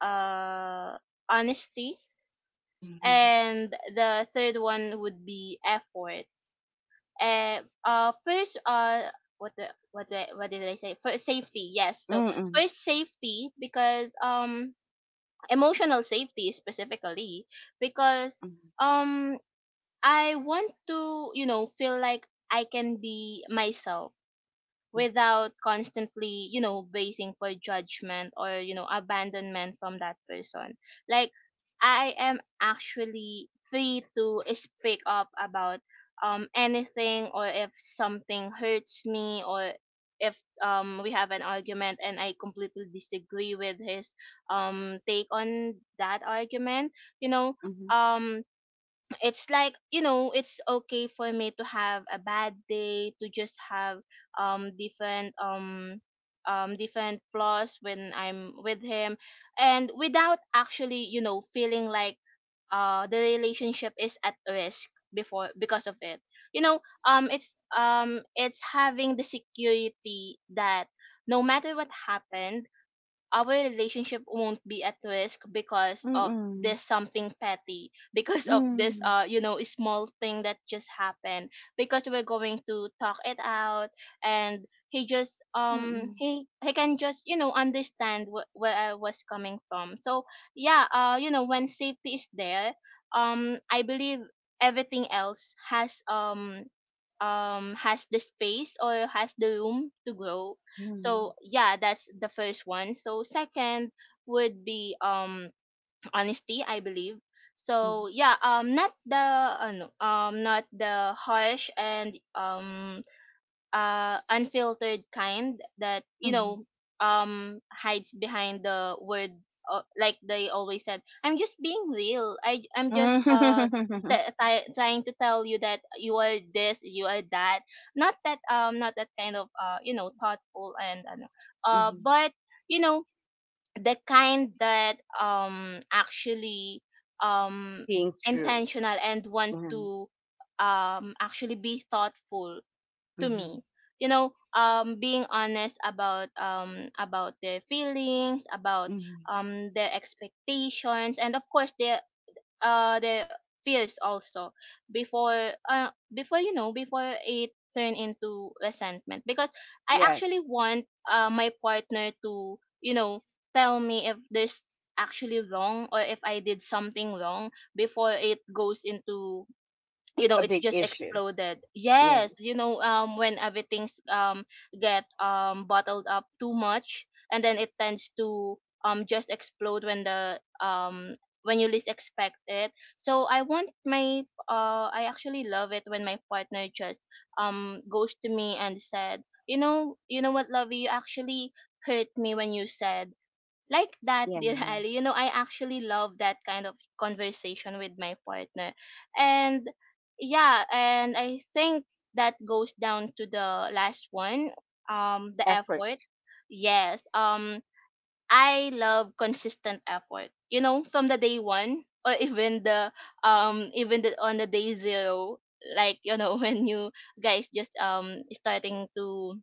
Speaker 3: uh, honesty,
Speaker 1: mhm,
Speaker 3: and the third one would be effort. And first what the what the what did I say? First safety, yes.
Speaker 1: mm,
Speaker 3: So
Speaker 1: mm,
Speaker 3: first safety because emotional safety specifically because um I want to, you know, feel like I can be myself without constantly, you know, basing for judgment or, you know, abandonment from that person, like I am actually free to speak up about anything, or if something hurts me, or if we have an argument and I completely disagree with his take on that argument, you know, um it's like, you know, it's okay for me to have a bad day, to just have um different um different flaws when I'm with him and without actually, you know, feeling like the relationship is at risk before because of it. You know, it's having the security that no matter what happened, our relationship won't be at risk
Speaker 1: mm,
Speaker 3: because of
Speaker 1: mhm,
Speaker 3: this something petty because
Speaker 1: mm,
Speaker 3: of this
Speaker 1: mm,
Speaker 3: you know, small thing that just happened, because we're going to talk it out and he just um
Speaker 1: mm,
Speaker 3: he he can just, you know, understand where I was coming from. So yeah, you know, when safety is there, I believe everything else has the space or has the room to grow.
Speaker 1: mm, mm,
Speaker 3: So yeah, that's the first one. So second would be honesty, I believe.
Speaker 1: mm, mm,
Speaker 3: So yeah, not the not the harsh and unfiltered kind that, you
Speaker 1: mm.
Speaker 3: know, hides behind the word, like they always said, I'm just being real, I I'm just t- t- trying to tell you that you are this, you are that. Not that, not that kind of, you know, thoughtful and
Speaker 1: Mhm.
Speaker 3: but you know, the kind that actually um
Speaker 1: Being true.
Speaker 3: intentional and want
Speaker 1: Mhm,
Speaker 3: to actually be thoughtful to
Speaker 1: mhm,
Speaker 3: me, you know, being honest about their feelings, about
Speaker 1: mhm.
Speaker 3: their expectations, and of course their uh their fears also, before, you know, before it turn into resentment, because I actually
Speaker 1: Yes,
Speaker 3: want my partner to, you know, tell me if there's actually wrong or if I did something wrong before it goes into, you know,
Speaker 1: a
Speaker 3: it's
Speaker 1: big
Speaker 3: just
Speaker 1: issue.
Speaker 3: exploded.
Speaker 1: Yeah,
Speaker 3: Yes, you know, when everything's get bottled up too much and then it tends to just explode when the when you least expect it. So I want my I actually love it when my partner just goes to me and said, you know, you know what, lovey, you actually hurt me when you said like that. Dear
Speaker 1: yeah,
Speaker 3: Ali, you know, I actually love that kind of conversation with my partner. And yeah, and I think that goes down to the last one, the
Speaker 1: effort.
Speaker 3: effort. Yes, I love consistent effort. You know, from the day one or even the on the day zero, like, you know, when you guys just starting to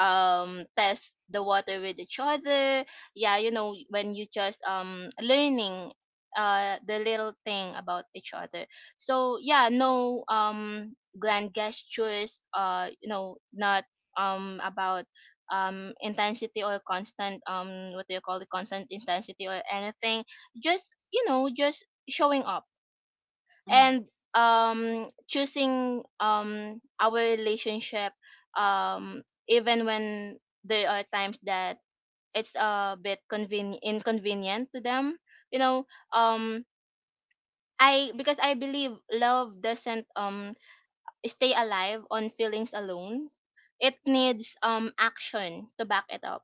Speaker 3: test the water with each other. Yeah, you know, when you just learning the little thing about each other. So yeah, no grand gestures, you know, not about intensity or constant, what do you call it, constant intensity or anything, just, you know, just showing up
Speaker 1: Mm.
Speaker 3: and choosing our relationship, um even when there are times that it's a bit inconvenient to them, you know, um I because I believe love doesn't stay alive on feelings alone, it needs action to back it up.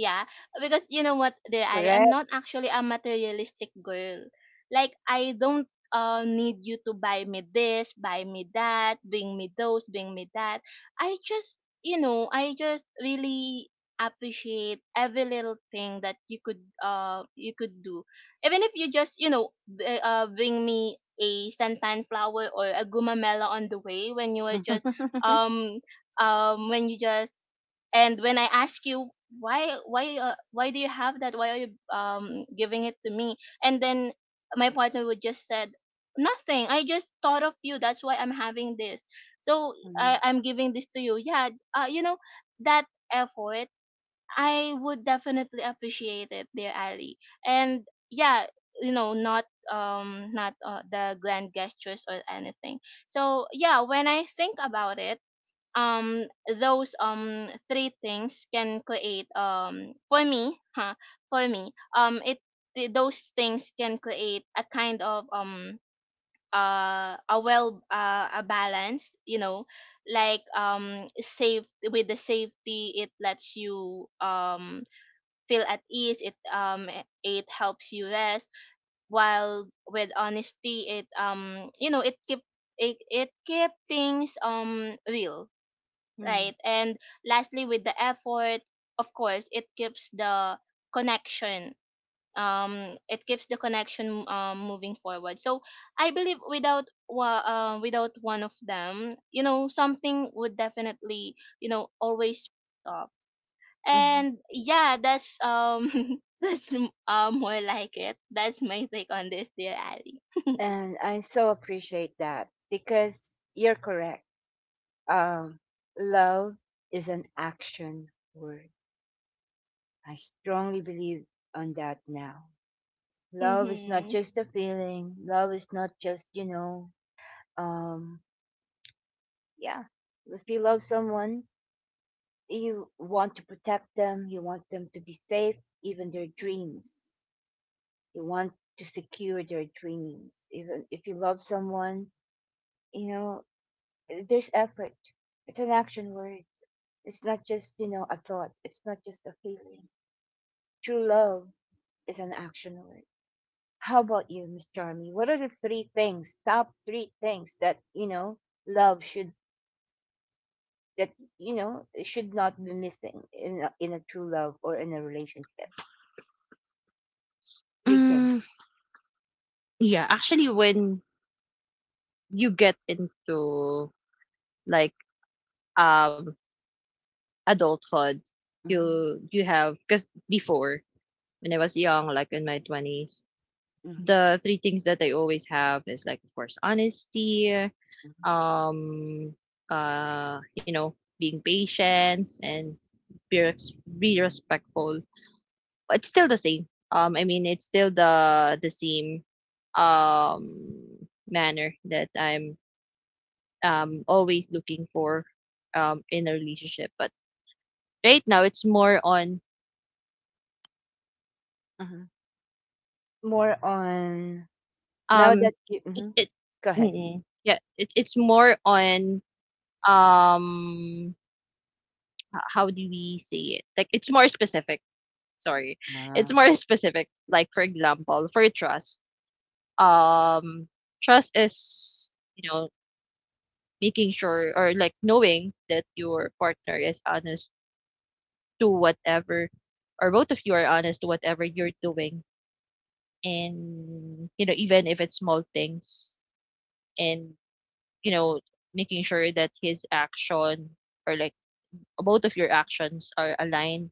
Speaker 3: Yeah, because you know what, dear Ali, I'm
Speaker 1: Correct.
Speaker 3: not actually a materialistic girl. Like I don't, need you to buy me this, buy me that, bring me those, bring me that. I just, you know, I just really appreciate every little thing that you could, you could do, even if you just, you know, bring me a suntan flower or a gumamela on the way, when you were just um when you just. And when I ask you, why, why do you have that? Why are you giving it to me? And then my partner would just said nothing, I just thought of you, that's why I'm having this. So
Speaker 1: Mm,
Speaker 3: I'm giving this to you. Yeah. You know, that effort, I would definitely appreciate it, dear Ali. And yeah, you know, not not the grand gestures or anything. So yeah, when I think about it, um those three things can create, for me, huh, for me those things can create a kind of a well, a balance, you know, like safe, with the safety it lets you feel at ease, it it helps you rest, while with honesty it you know, it keep it keep things real,
Speaker 1: mm,
Speaker 3: right? And lastly, with the effort, of course, it keeps the connection. It keeps the connection, moving forward. So I believe without without one of them, you know, something would definitely, you know, always falls off.
Speaker 1: mm.
Speaker 3: And yeah, that's that's more like it. That's my take on this, dear Ali.
Speaker 1: And I so appreciate that because you're correct, um, love is an action word. I strongly believe on that now. Love is not
Speaker 3: Mhm.
Speaker 1: just a feeling. Love is not just, you know, um, yeah. If you love someone, you want to protect them. You want them to be safe, even their dreams. You want to secure their dreams. Even if you love someone, you know, there's effort. It's an action word. It's not just, you know, a thought. It's not just a feeling. True love is an action word. How about you, Miss Charmy? What are the three things, top three things that you know love should that you know should not be missing in a true love or in a relationship? Three things.
Speaker 2: Mm, yeah, actually, when you get into, like, um adulthood, you
Speaker 1: Hmm.
Speaker 2: you have, because before, when I was young, like in my 20s,
Speaker 1: Hmm.
Speaker 2: the three things that I always have is, like, of course, honesty,
Speaker 1: Hmm.
Speaker 2: um being patient, and be respectful. It's still the same. I mean, it's still the same um manner that I'm always looking for in a relationship. But right now it's more on,
Speaker 1: Hmm. More on now
Speaker 2: um
Speaker 1: that you
Speaker 2: it
Speaker 1: mhm.
Speaker 2: it
Speaker 1: Go ahead.
Speaker 2: mm-mm. yeah it, it's more on, um how do we say it. Like, sorry it's
Speaker 1: Ah.
Speaker 2: more specific, like, for example, for trust. um Trust is, you know, making sure, or, like, knowing that your partner is honest to whatever, or both of you are honest to whatever you're doing, and even if it's small things. And you know making sure that his action, or, like, both of your actions are aligned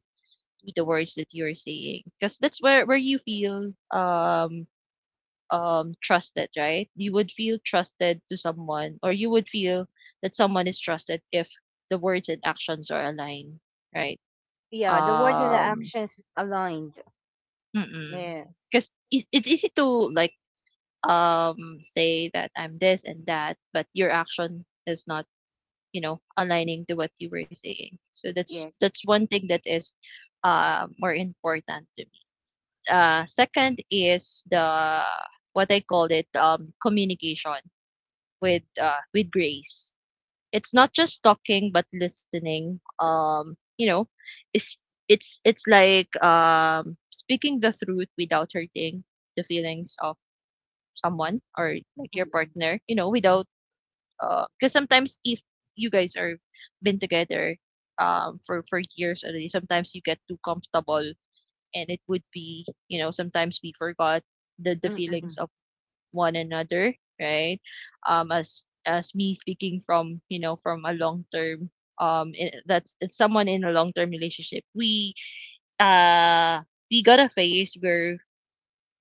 Speaker 2: with the words that you're saying, because that's where you feel trusted, right? You would feel trusted to someone, or you would feel that someone is trusted if the words and actions are aligned, right?
Speaker 1: Yeah, the words and the
Speaker 2: um
Speaker 1: actions aligned. Yes,
Speaker 2: because it's easy to, like, say that I'm this and that, but your action is not aligning to what you were saying. So that's
Speaker 1: yes.
Speaker 2: that's one thing that is more important to me. Second is the what I call it communication with grace. It's not just talking but listening. It's it's like speaking the truth without hurting the feelings of someone, or, like, your
Speaker 1: Mm-mm.
Speaker 2: partner, you know, without because sometimes if you guys are been together for years already, sometimes you get too comfortable, and it would be sometimes we forgot the feelings
Speaker 1: Mm-mm.
Speaker 2: of one another, right? As me speaking from from a long term I- that's it's someone in a long term relationship. We uh we got a phase where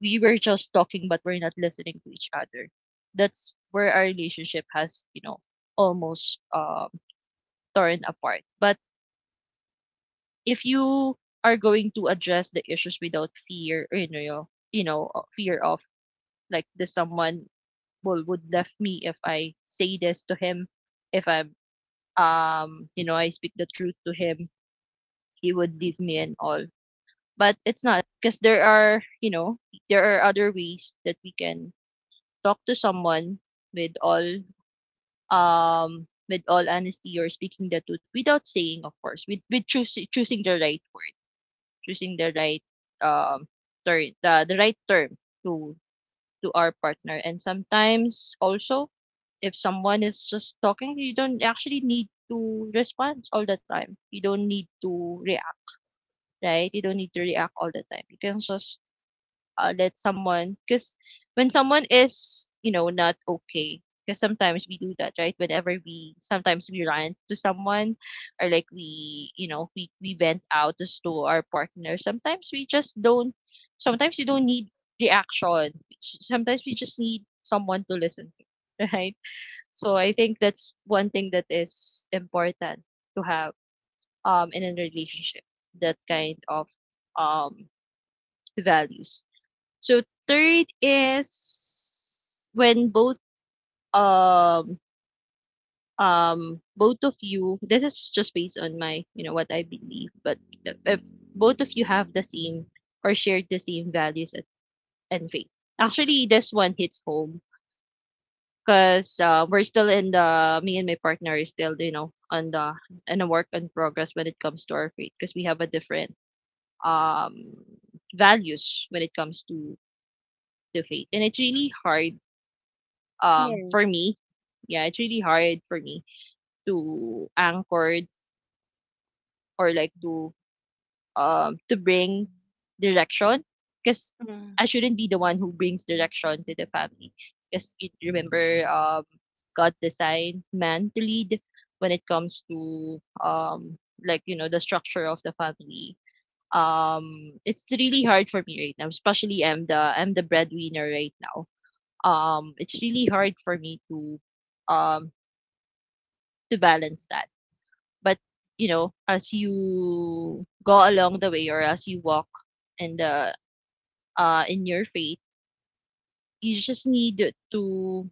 Speaker 2: we were just talking but we're not listening to each other. That's where our relationship has almost torn apart. But if you are going to address the issues without fear, or, fear of, like, this someone will would left me if I say this to him, if I'm you know I speak the truth to him, he would leave me and all. But it's not, because there are there are other ways that we can talk to someone with all, with all honesty, or speaking the truth, without saying, of course, with choosing the right word, choosing the right, um ter- the right term to to our partner. And sometimes also, if someone is just talking, you don't actually need to respond all the time. You don't need to react, right? You don't need to react all the time. You can just let someone, because when someone is not okay, because sometimes we do that, right, whenever we rant to someone, or, like, we you know we vent out just to our partner, sometimes you don't need reaction, sometimes we just need someone to listen to. Right? So I think that's one thing that is important to have in a relationship, that kind of um values. So third is when both um both of you, this is just based on my, what I believe. But if both of you have the same, or share the same values, and faith. Actually, this one hits home, because we're still in the me and my partner is still you know on the in a work in progress when it comes to our faith, because we have a different um values when it comes to the faith, and it's really hard for
Speaker 1: Yes.
Speaker 2: me. Yeah, it's really hard for me to anchor, or, like, to bring direction, because I shouldn't be the one who brings direction to the family, because you remember, God designed man to lead when it comes to the structure of the family. It's really hard for me right now, especially I'm the, I'm the breadwinner right now. It's really hard for me to um balance that. But, as you go along the way, or as you walk in the in your faith, you just need to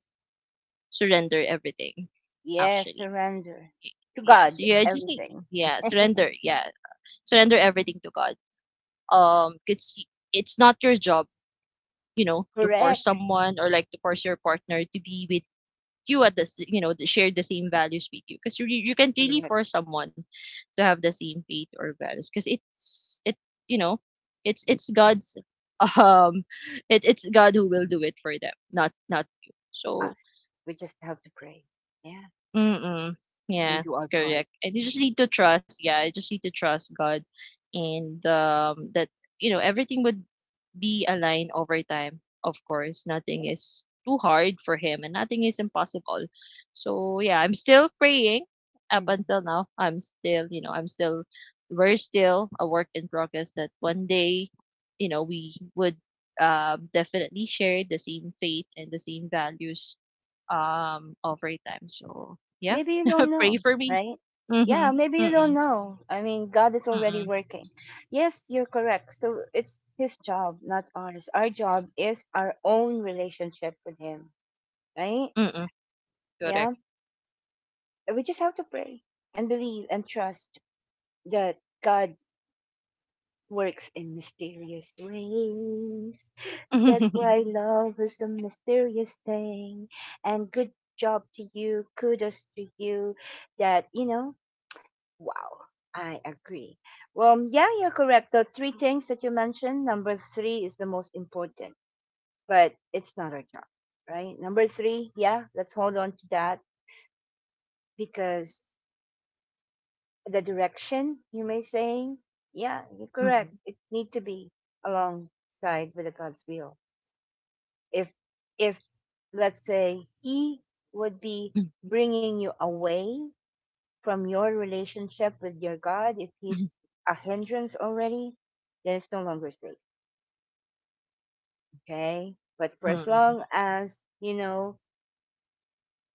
Speaker 2: surrender everything.
Speaker 1: Yes,
Speaker 2: Actually,
Speaker 1: surrender to
Speaker 2: yeah.
Speaker 1: God,
Speaker 2: So yeah,
Speaker 1: everything.
Speaker 2: yeah, surrender. Yeah, surrender everything to God. Because it's not your job to force
Speaker 1: Correct.
Speaker 2: someone, or, like, to force your partner to be with you at the s- you know the, share the same values with you, because you can not really
Speaker 1: Correct.
Speaker 2: force someone to have the same faith or values, because you know it's God's. um it's God who will do it for them, not you, so.
Speaker 1: Us. We just have to pray. Yeah.
Speaker 2: Mm,
Speaker 1: And
Speaker 2: yeah.
Speaker 1: do our part.
Speaker 2: Correct. And you just need to trust. Yeah, you just need to trust God, and that you know everything would be aligned over time. Of course, nothing is too hard for him and nothing is impossible. So, yeah, I'm still praying up
Speaker 1: Mm.
Speaker 2: until now. I'm still, you know, I'm still, we're still a work in progress, that one day, we would, definitely share the same faith and the same values, over time. So, yeah,
Speaker 1: Maybe you don't
Speaker 2: pray
Speaker 1: know,
Speaker 2: for me.
Speaker 1: right? Yeah, maybe
Speaker 2: Mm-hmm.
Speaker 1: you don't
Speaker 2: Mm-mm.
Speaker 1: know. I mean, God is already
Speaker 2: Mm-mm.
Speaker 1: working. Yes, you're correct. So it's His job, not ours. Our job is our own relationship with Him, right?
Speaker 2: Mm-mm. Correct.
Speaker 1: Yeah. We just have to pray and believe and trust that God works in mysterious ways. That's
Speaker 2: Mm-mm.
Speaker 1: why love is the mysterious thing. And good job to you. Kudos to you. That, you know, wow. I agree. Well, yeah, you're correct. The three things that you mentioned, number three is the most important, but it's not our job, right? Number three, yeah, let's hold on to that because the direction you may saying, yeah, you're correct. It need to be alongside with the God's will if if let's say he would be
Speaker 2: Mm-mm.
Speaker 1: bringing you away from your relationship with your god if he's a hindrance already, then it's no longer safe. Okay, but for as
Speaker 2: Mm-mm.
Speaker 1: long as you know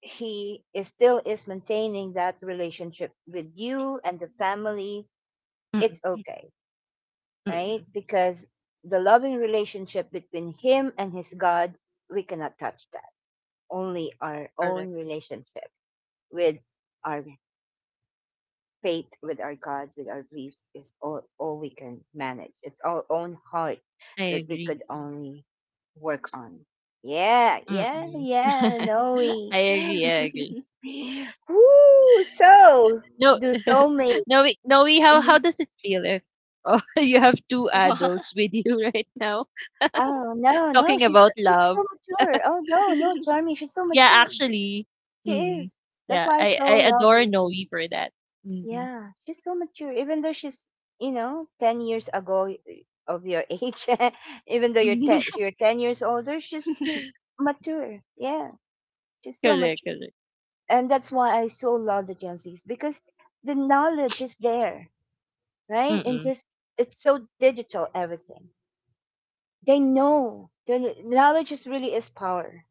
Speaker 1: he is still is maintaining that relationship with you and the family, it's okay, right?
Speaker 2: Mm-mm.
Speaker 1: Because the loving relationship between him and his god, we cannot touch that, only our
Speaker 2: Correct.
Speaker 1: own relationship with our faith, with our God, with our beliefs is all we can manage. It's our own heart
Speaker 2: I
Speaker 1: that we
Speaker 2: agree.
Speaker 1: could only work on. Yeah, yeah,
Speaker 2: Mm-mm.
Speaker 1: yeah, Noe.
Speaker 2: I agree, I agree.
Speaker 1: Woo! So,
Speaker 2: No,
Speaker 1: do soulmate.
Speaker 2: no, we, no, we,
Speaker 1: Mm-hmm.
Speaker 2: how does it feel, if oh, you have two
Speaker 3: Wow.
Speaker 2: adults with you right now
Speaker 1: Oh, no, no,
Speaker 2: talking
Speaker 1: she's
Speaker 2: about love?
Speaker 1: so mature. Oh, no, no, Charming, she's so
Speaker 2: Yeah,
Speaker 1: mature.
Speaker 2: actually,
Speaker 1: She
Speaker 2: mm,
Speaker 1: is. That's
Speaker 2: yeah,
Speaker 1: why I
Speaker 2: I
Speaker 1: so love
Speaker 2: adore Noe
Speaker 1: her.
Speaker 2: for that. Mm-mm.
Speaker 1: Yeah, she's so mature. Even though she's, you know, 10 years ago of your age, even though you're ten, you're 10 years older, she's mature. Yeah, she's so
Speaker 2: Correct,
Speaker 1: mature,
Speaker 2: correct.
Speaker 1: and that's why I so love the Gen Zs because the knowledge is there, right? And
Speaker 2: Mm-mm.
Speaker 1: just it's so digital everything. They know the knowledge is really is power.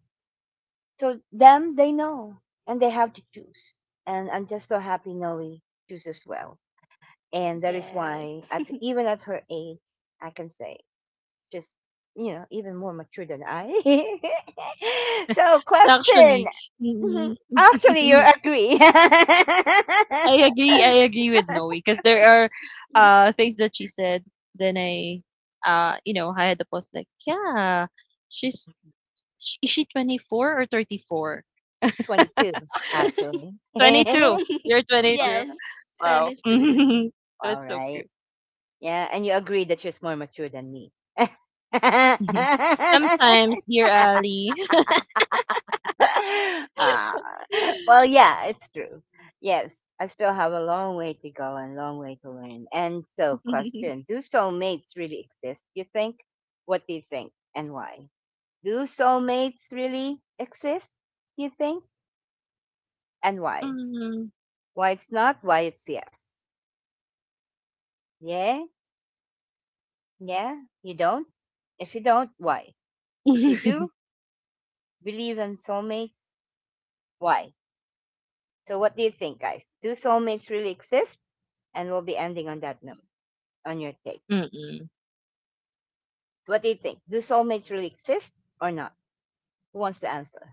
Speaker 1: So them, they know, and they have to choose. And I'm just so happy Noe chooses well. And that is why
Speaker 3: Yes.
Speaker 1: at even at her age I can say just you know even more mature than I. So question.
Speaker 2: Actually,
Speaker 1: Mhm.
Speaker 2: mm-mm.
Speaker 1: Actually you agree.
Speaker 2: I agree. I agree with Noe because there are things that she said. Then I had the post like, yeah, she's is she 24 or 34?
Speaker 1: 22 actually.
Speaker 2: 22.
Speaker 1: All
Speaker 2: You're 22.
Speaker 3: Yes,
Speaker 2: Wow,
Speaker 3: 22.
Speaker 2: that's so cute.
Speaker 1: right. Yeah, and you agree that she's more mature than me.
Speaker 2: Sometimes, dear Ali.
Speaker 1: Ah, well, yeah, it's true. Yes, I still have a long way to go and long way to learn. And so, question: Do soulmates really exist? You think? What do you think, and why? Do soulmates really exist? You think, and why?
Speaker 2: Mm.
Speaker 1: Why it's not? Why it's yes? Yeah, yeah. You don't? If you don't, why? If you do, believe in soulmates, why? So, what do you think, guys? Do soulmates really exist? And we'll be ending on that note. On your take.
Speaker 2: Mm-mm.
Speaker 1: What do you think? Do soulmates really exist or not? Who wants to answer?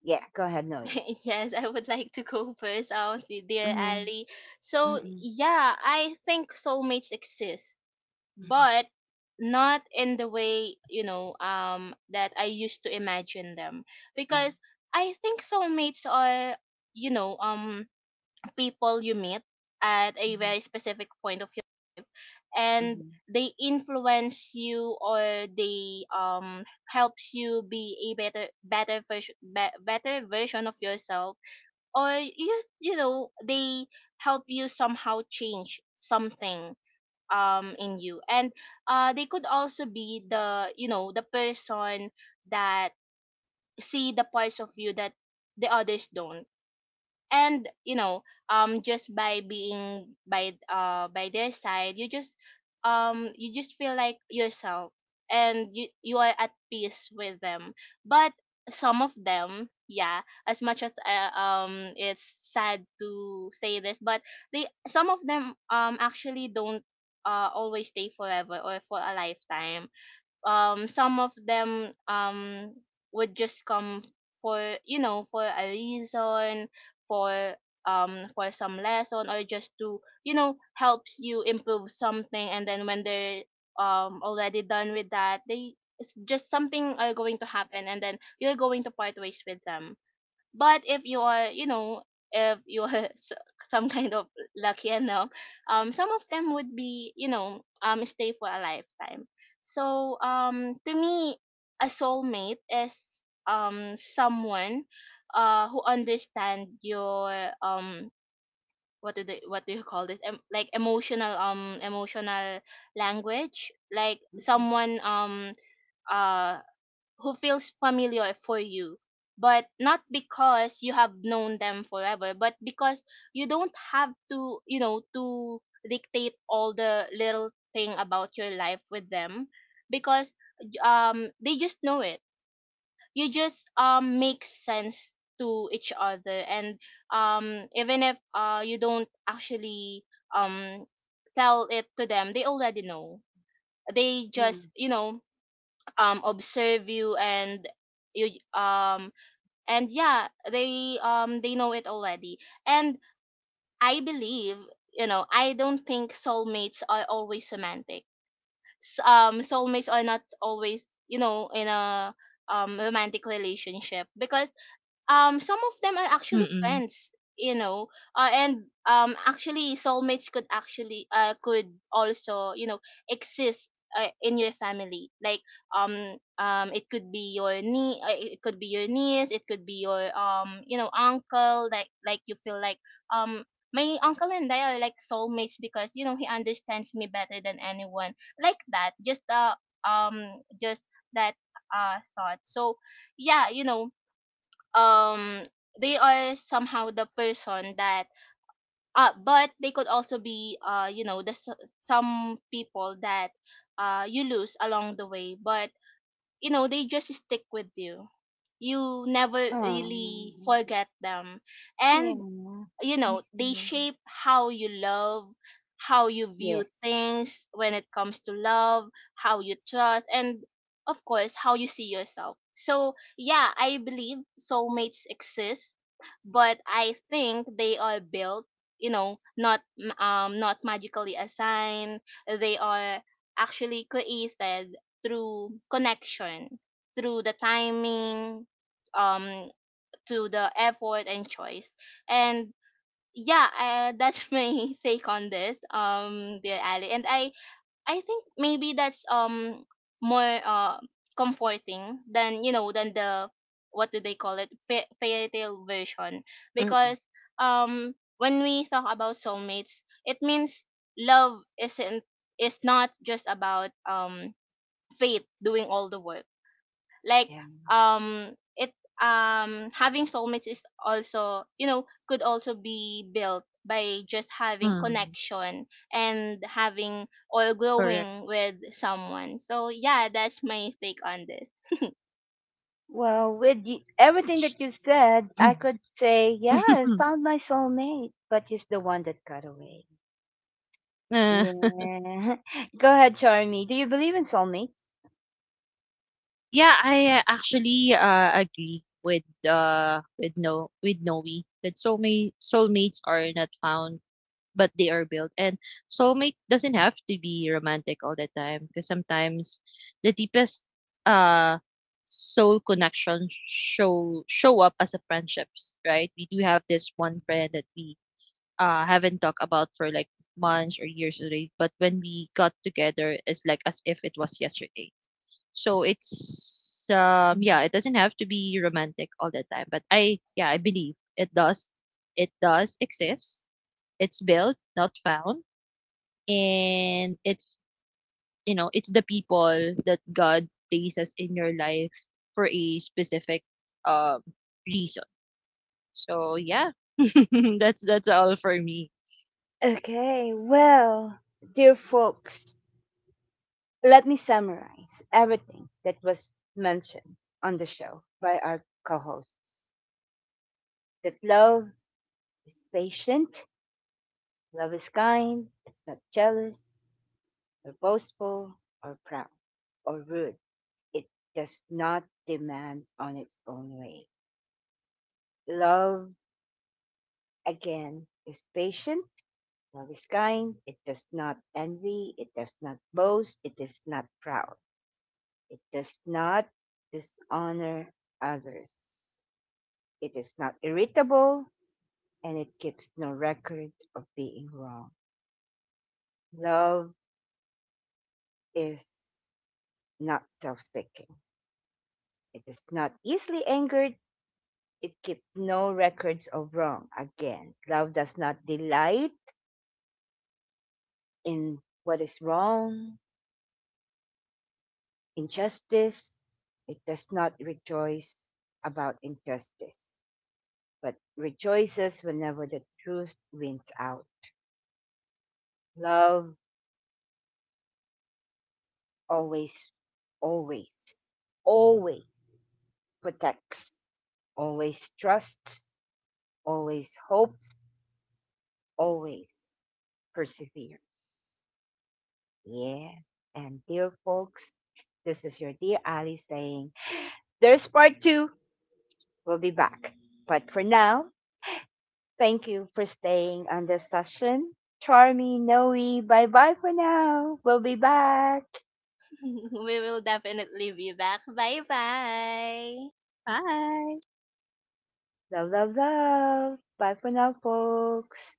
Speaker 1: Yeah, go ahead, Noe.
Speaker 3: Yes, I would like to go first, honestly, dear
Speaker 1: Mm-hmm.
Speaker 3: Ali. So
Speaker 1: Mm-hmm.
Speaker 3: yeah, I think soulmates exist,
Speaker 1: Mm-hmm.
Speaker 3: but not in the way, you know, that I used to imagine them. Because I think soulmates are, you know, people you meet at a
Speaker 1: Mm-hmm.
Speaker 3: very specific point of your life, and
Speaker 1: Mm-hmm.
Speaker 3: they influence you, or they helps you be a better version, better version of yourself, or you know, they help you somehow change something in you. And they could also be the, you know, the person that see the parts of you that the others don't. And you know, just by being, by their side, you just feel like yourself and you are at peace with them. But some of them, yeah, as much as, it's sad to say this, but they, some of them actually don't always stay forever or for a lifetime. Some of them would just come for, you know, for a reason, for for some lesson or just to, you know, helps you improve something, and then when they're already done. But if you are, you know, if you are some kind of lucky enough, some of them would be, you know, stay for a lifetime. So to me, a soulmate is someone who understand your um what do they, what do you call this, like emotional, emotional language, like
Speaker 1: Mm-hmm.
Speaker 3: someone, uh who feels familiar for you, but not because you have known them forever, but because you don't have to, you know, to dictate all the little thing about your life with them, because they just know it. You just make sense to each other, and even if you don't actually um tell it to them, they already know, they
Speaker 1: Yeah.
Speaker 3: just, you know, observe you, and you um and yeah, they know it already. And I believe, you know, I don't think soulmates are always romantic. Soulmates are not always, you know, in a romantic relationship, because some of them are actually
Speaker 2: Mm-mm.
Speaker 3: friends, you know, and actually soulmates could actually could also, you know, exist, in your family, like it could be your it could be your niece, it could be your you know, uncle, like you feel like um my uncle and I are like soulmates because, you know, he understands me better than anyone, like that just, just that thought. So yeah, you know, um they are somehow the person that but they could also be, you know, the some people that you lose along the way, but you know, they just stick with you, you never
Speaker 1: Oh.
Speaker 3: really forget them.
Speaker 1: Yeah.
Speaker 3: And you know, they
Speaker 1: Mhm.
Speaker 3: shape how you love, how you view
Speaker 1: Yes.
Speaker 3: things when it comes to love, how you trust, and of course how you see yourself. So yeah, I believe soulmates exist, but I think they are built, you know, not not magically assigned, they are actually created through connection, through the timing, um to the effort and choice. And yeah, that's my take on this, dear Ali. I think maybe that's more comforting than, you know, than the, what do they call it, fairy tale version,
Speaker 1: Mm-mm.
Speaker 3: because when we talk about soulmates, it means love isn't, is not just about fate doing all the work, like
Speaker 1: Yeah.
Speaker 3: it having soulmates is also, you know, could also be built by just having
Speaker 2: Mm.
Speaker 3: connection and having or
Speaker 2: Correct.
Speaker 3: growing with someone. So yeah, that's my take on this.
Speaker 1: Well, with y everything that you said, I could say, yeah, I found my soulmate, but he's the one that got away. Yeah. Go ahead, Charmy. Do you believe in soulmates?
Speaker 2: Yeah, I actually agree with no with Noe, that soulmates are not found, but they are built. And soulmate doesn't have to be romantic all the time, because sometimes the deepest uh soul connection show up as a friendships, right? We do have this one friend that we haven't talked about for, like, months or years already, but when we got together, it's like as if it was yesterday. So it's, yeah, it doesn't have to be romantic all the time. But I believe it does exist. It's built, not found. And it's the people that God places in your life for a specific um reason. So yeah. That's all for me.
Speaker 1: Okay, well, dear folks, let me summarize everything that was mentioned on the show by our co hosts that love is patient, love is kind, it's not jealous, or boastful, or proud, or rude. It does not demand on its own way. Love, again, is patient, love is kind, it does not envy, it does not boast, it is not proud. It does not dishonor others. It is not irritable and it keeps no record of being wrong. Love is not self seeking. It is not easily angered. It keeps no records of wrong. Again, love does not delight in what is wrong, injustice. It does not rejoice about injustice, but rejoices whenever the truth wins out. Love always, always, always protects, always trusts, always hopes, always perseveres. Yeah. And dear folks, this is your dear Ali saying, there's part two. We'll be back. But for now, thank you for staying on this session. Charmy, Noe, bye bye for now. We'll be back.
Speaker 3: We will definitely be back, bye bye.
Speaker 2: Bye.
Speaker 1: Love, love, love. Bye for now, folks.